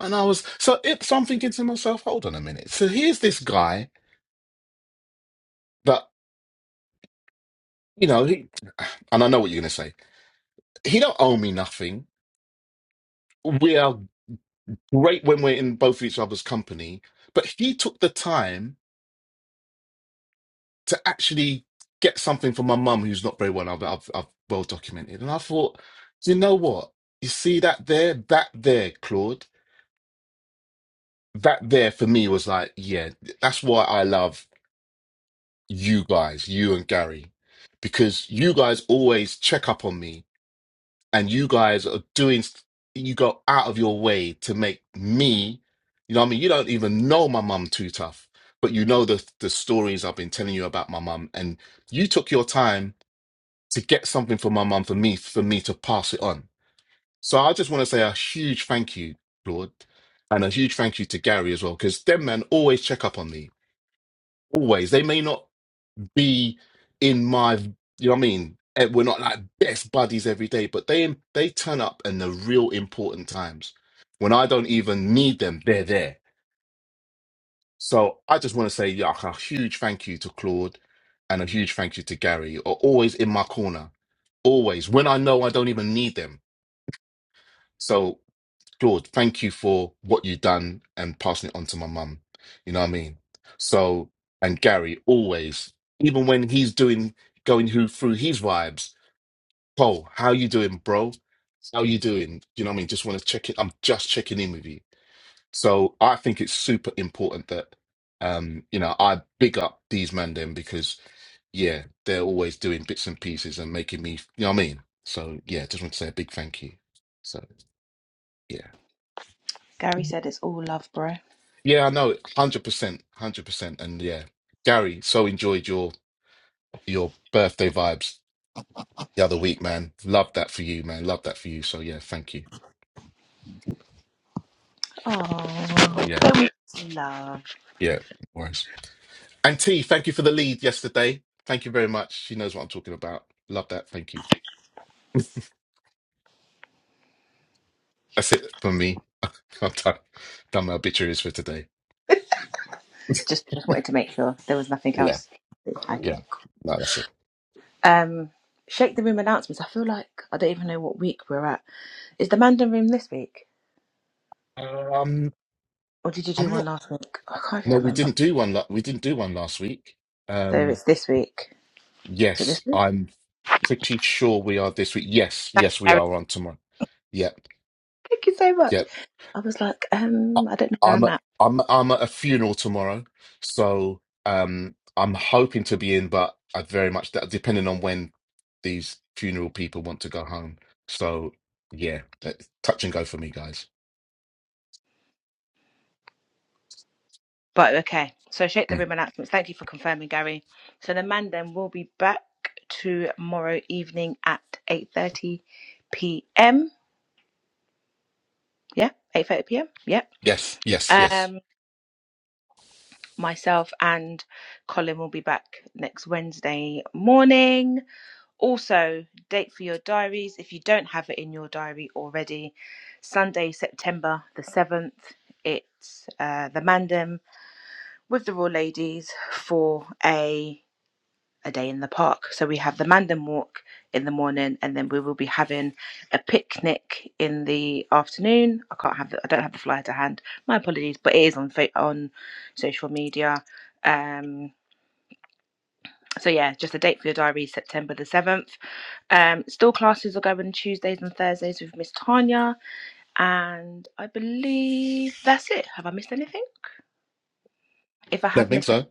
B: And I was so it, so I'm thinking to myself, hold on a minute. So here's this guy that, you know, he and I know what you're gonna say. He don't owe me nothing. We are great when we're in both each other's company, but he took the time to actually get something from my mum who's not very well. I've, I've, I've well documented, and I thought, you know what? You see that there, that there, Claude, that there for me was like, yeah, that's why I love you guys, you and Gary, because you guys always check up on me and you guys are doing you go out of your way to make me you know what i mean you don't even know my mum too tough but you know the the stories i've been telling you about my mum and you took your time to get something for my mum for me for me to pass it on so i just want to say a huge thank you lord and a huge thank you to gary as well because them men always check up on me always they may not be in my you know what I mean And we're not like best buddies every day but they they turn up in the real important times when I don't even need them they're there so I just want to say yeah, a huge thank you to Claude and a huge thank you to Gary are always in my corner always when I know I don't even need them So. Lord, thank you for what you've done and passing it on to my mum. You know what I mean? So, and Gary, always, even when he's doing, going who, through his vibes, Paul, how you doing, bro? How you doing? You know what I mean? Just want to check it. I'm just checking in with you. So I think it's super important that, um, you know, I big up these men then because, yeah, they're always doing bits and pieces and making me, you know what I mean? So, yeah, just want to say a big thank you. So, yeah.
A: Gary said it's all love, bro.
B: Yeah, I know, hundred percent, hundred percent, and yeah, Gary, so enjoyed your your birthday vibes the other week, man. Love that for you, man. Love that for you. So yeah, thank you.
A: Oh,
B: Yeah,
A: love.
B: yeah, no worries. And T, thank you for the lead yesterday. Thank you very much. She knows what I'm talking about. Love that. Thank you. That's it for me. I'm done. Done my obituaries for today.
A: Just just wanted to make sure there was nothing
B: Yeah,
A: else.
B: yeah.
A: Okay. cool.
B: No, that's it.
A: Um, shake the room announcements. I feel like I don't even know what week we're at. Is the Mandan room this week,
B: Um,
A: or did you do
B: I'm
A: one
B: not.
A: last week? I can't even
B: No, we
A: remember.
B: didn't do one. la- We didn't do one last week.
A: So
B: Um,
A: it's this week. So this
B: yes,
A: week.
B: I'm. pretty sure we are this week. Yes, yes, we are on tomorrow. Yep,
A: Thank you so much.
B: yep.
A: I was like,
B: I,
A: um, I don't know where
B: I'm
A: I'm
B: at,
A: at.
B: I'm I'm at a funeral tomorrow, so um, I'm hoping to be in, but I very much that depending on when these funeral people want to go home. So yeah, that, touch and go for me, guys.
A: But okay. So shape the
B: Mm.
A: room announcements. Thank you for confirming, Gary. So the man then will be back tomorrow evening at eight thirty PM. Yeah, eight thirty PM. Yep.
B: Yes, yes, yes.
A: Um myself and Colin will be back next Wednesday morning. Also, date for your diaries if you don't have it in your diary already. Sunday, September the seventh. It's uh, the Mandem with the Royal Ladies for a a day in the park. So we have the Mandan Walk in the morning, and then we will be having a picnic in the afternoon. I can't have the, I don't have the flyer to hand. My apologies, but it is on on social media. Um, so yeah, just a date for your diary, September the seventh. Um, still classes are going Tuesdays and Thursdays with Miss Tanya, and I believe that's it. Have I missed anything? If I
B: Don't
A: have
B: think
A: missed
B: so.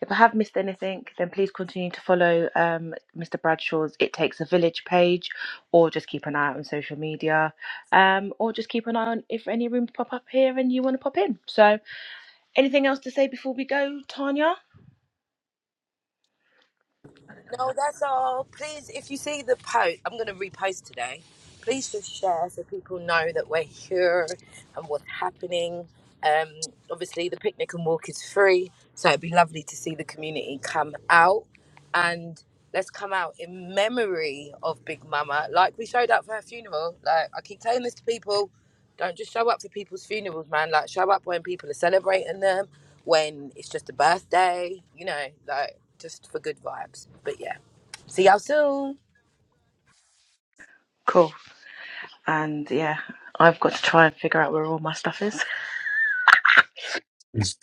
A: If I have missed anything, then please continue to follow um, Mr. Bradshaw's It Takes a Village page, or just keep an eye out on social media, um, or just keep an eye on if any rooms pop up here and you want to pop in. So, anything else to say before we go, Tanya? I don't know.
D: No, that's all. Please, if you see the post, I'm going to repost today. Please just share so people know that we're here and what's happening. Um, obviously, the picnic and walk is free, so it'd be lovely to see the community come out. and let's come out in memory of Big Mama, like we showed up for her funeral. Like I keep telling this to people, don't just show up for people's funerals, man. Like show up when people are celebrating them, when it's just a birthday, you know, like just for good vibes. But yeah, see y'all soon.
A: Cool. And yeah, I've got to try and figure out where all my stuff is.
B: Mm.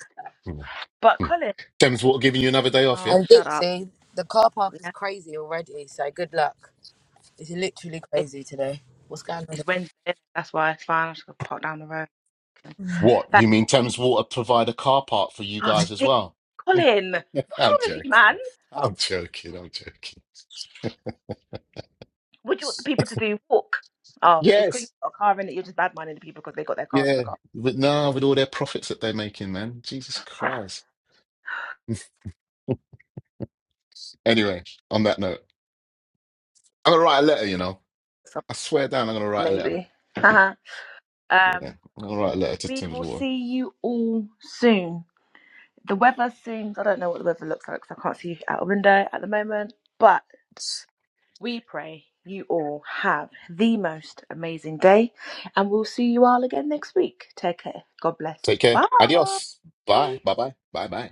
B: Mm.
A: But
B: Mm.
A: Colin,
B: Thames Water giving you another day off,
A: oh,
B: yeah?
D: And
A: shut up.
D: Dixie, the car park is
A: Yeah,
D: crazy already, so good luck. It's literally
A: it,
D: crazy today. What's going
A: it's Wednesday. That's why it's fine. I just got to pop down the road.
D: on?
B: What you mean? Thames Water provide a car park for you
A: Oh,
B: guys as
A: Dick
B: well?
A: Colin, what's
B: I'm
A: wrong with you, man?
B: joking. I'm joking. I'm joking.
A: What do you want the people to do? Walk? Oh, it's because you've
B: Yes.
A: got a car in it. You're just bad minding the people because they got their cars in the
B: Yeah.
A: car.
B: But no, with all their profits that they're making, man. Jesus Christ. Anyway, on that note, I'm gonna write a letter, you know.
A: So
B: I swear down, I'm gonna write a letter.
A: maybe. Haha.
B: Yeah.
A: um,
B: I'm gonna write a letter to
A: we
B: Thames
A: will
B: Water.
A: see you all soon. The weather seems, I don't know what the weather looks like because I can't see out a window at the moment, but we pray you all have the most amazing day and we'll see you all again next week. Take care. God
B: Take
A: bless.
B: care. Adios.
A: Bye.
B: Bye. Bye bye. Bye bye.